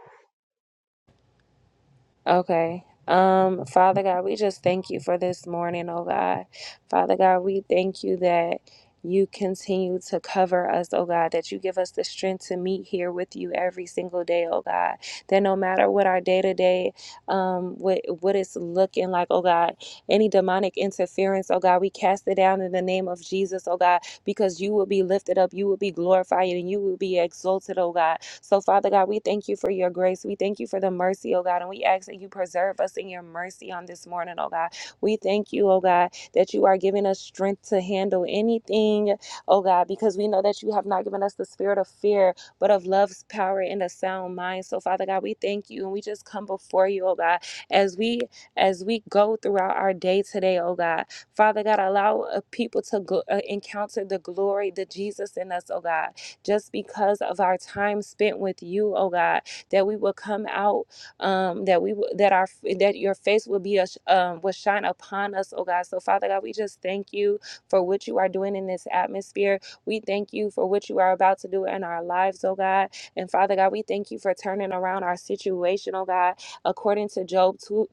Speaker 3: Okay. Um, Father God, we just thank you for this morning, oh God. Father God, we thank you that you continue to cover us, oh God, that you give us the strength to meet here with you every single day, oh God. That no matter what our day to day um, what what it's looking like, oh God. Any demonic interference, oh God, we cast it down in the name of Jesus, oh God, because you will be lifted up, you will be glorified, and you will be exalted, oh God. So, Father God, we thank you for your grace. We thank you for the mercy, oh God, and we ask that you preserve us in your mercy on this morning, oh God. We thank you, oh God, that you are giving us strength to handle anything, oh God, because we know that you have not given us the spirit of fear, but of love's power and a sound mind. So, Father God, we thank you and we just come before you, oh God, as we as we go throughout our day today, oh God. Father God, allow uh, people to gl- uh, encounter the glory, the Jesus in us, oh God, just because of our time spent with you, oh God, that we will come out, um, that we will that our that your face will be a sh- um, will shine upon us, oh God. So, Father God, we just thank you for what you are doing in this atmosphere. We thank you for what you are about to do in our lives, oh God. And Father God, we thank you for turning around our situation, oh God. According to Job 2,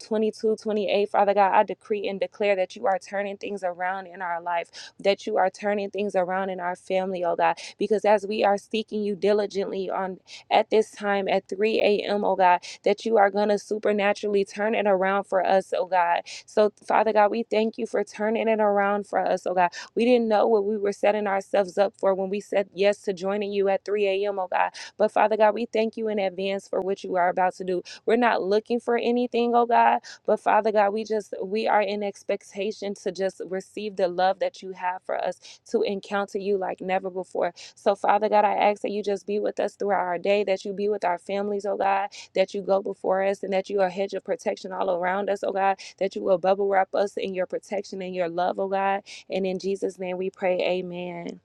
Speaker 3: Father God, I decree and declare that you are turning things around in our life, that you are turning things around in our family, oh God. Because as we are seeking you diligently on at this time at 3 a.m., oh God, that you are going to supernaturally turn it around for us, oh God. So, Father God, we thank you for turning it around for us, oh God. We didn't know what we were setting ourselves up for when we said yes to joining you at 3 a.m., oh God. But Father God, we thank you in advance for what you are about to do. We're not looking for anything, oh God, but Father God, we just, we are in expectation to just receive the love that you have for us to encounter you like never before. So, Father God, I ask that you just be with us throughout our day, that you be with our families, oh God, that you go before us and that you are a hedge of protection all around us, oh God, that you will bubble wrap us in your protection and your love, oh God. And in Jesus' name we pray, amen.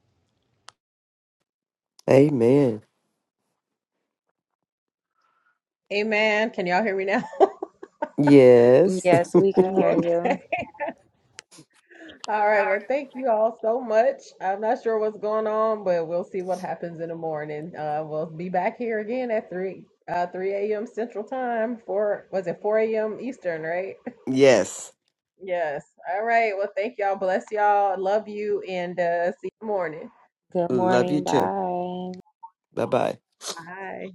Speaker 2: Amen.
Speaker 1: Amen. Can y'all hear me now?
Speaker 2: Yes.
Speaker 3: Yes, we can hear
Speaker 1: Oh, Okay.
Speaker 3: you.
Speaker 1: All right. Well, thank you all so much. I'm not sure what's going on, but we'll see what happens in the morning. Uh, we'll be back here again at three, uh, three a.m. Central Time. Four was it four a.m. Eastern, right?
Speaker 2: Yes.
Speaker 1: Yes. All right. Well, thank y'all. Bless y'all. Love you, and uh, see you in the morning.
Speaker 3: Good
Speaker 2: Love you
Speaker 3: morning.
Speaker 2: too.
Speaker 3: Bye.
Speaker 2: Bye bye.
Speaker 1: Bye.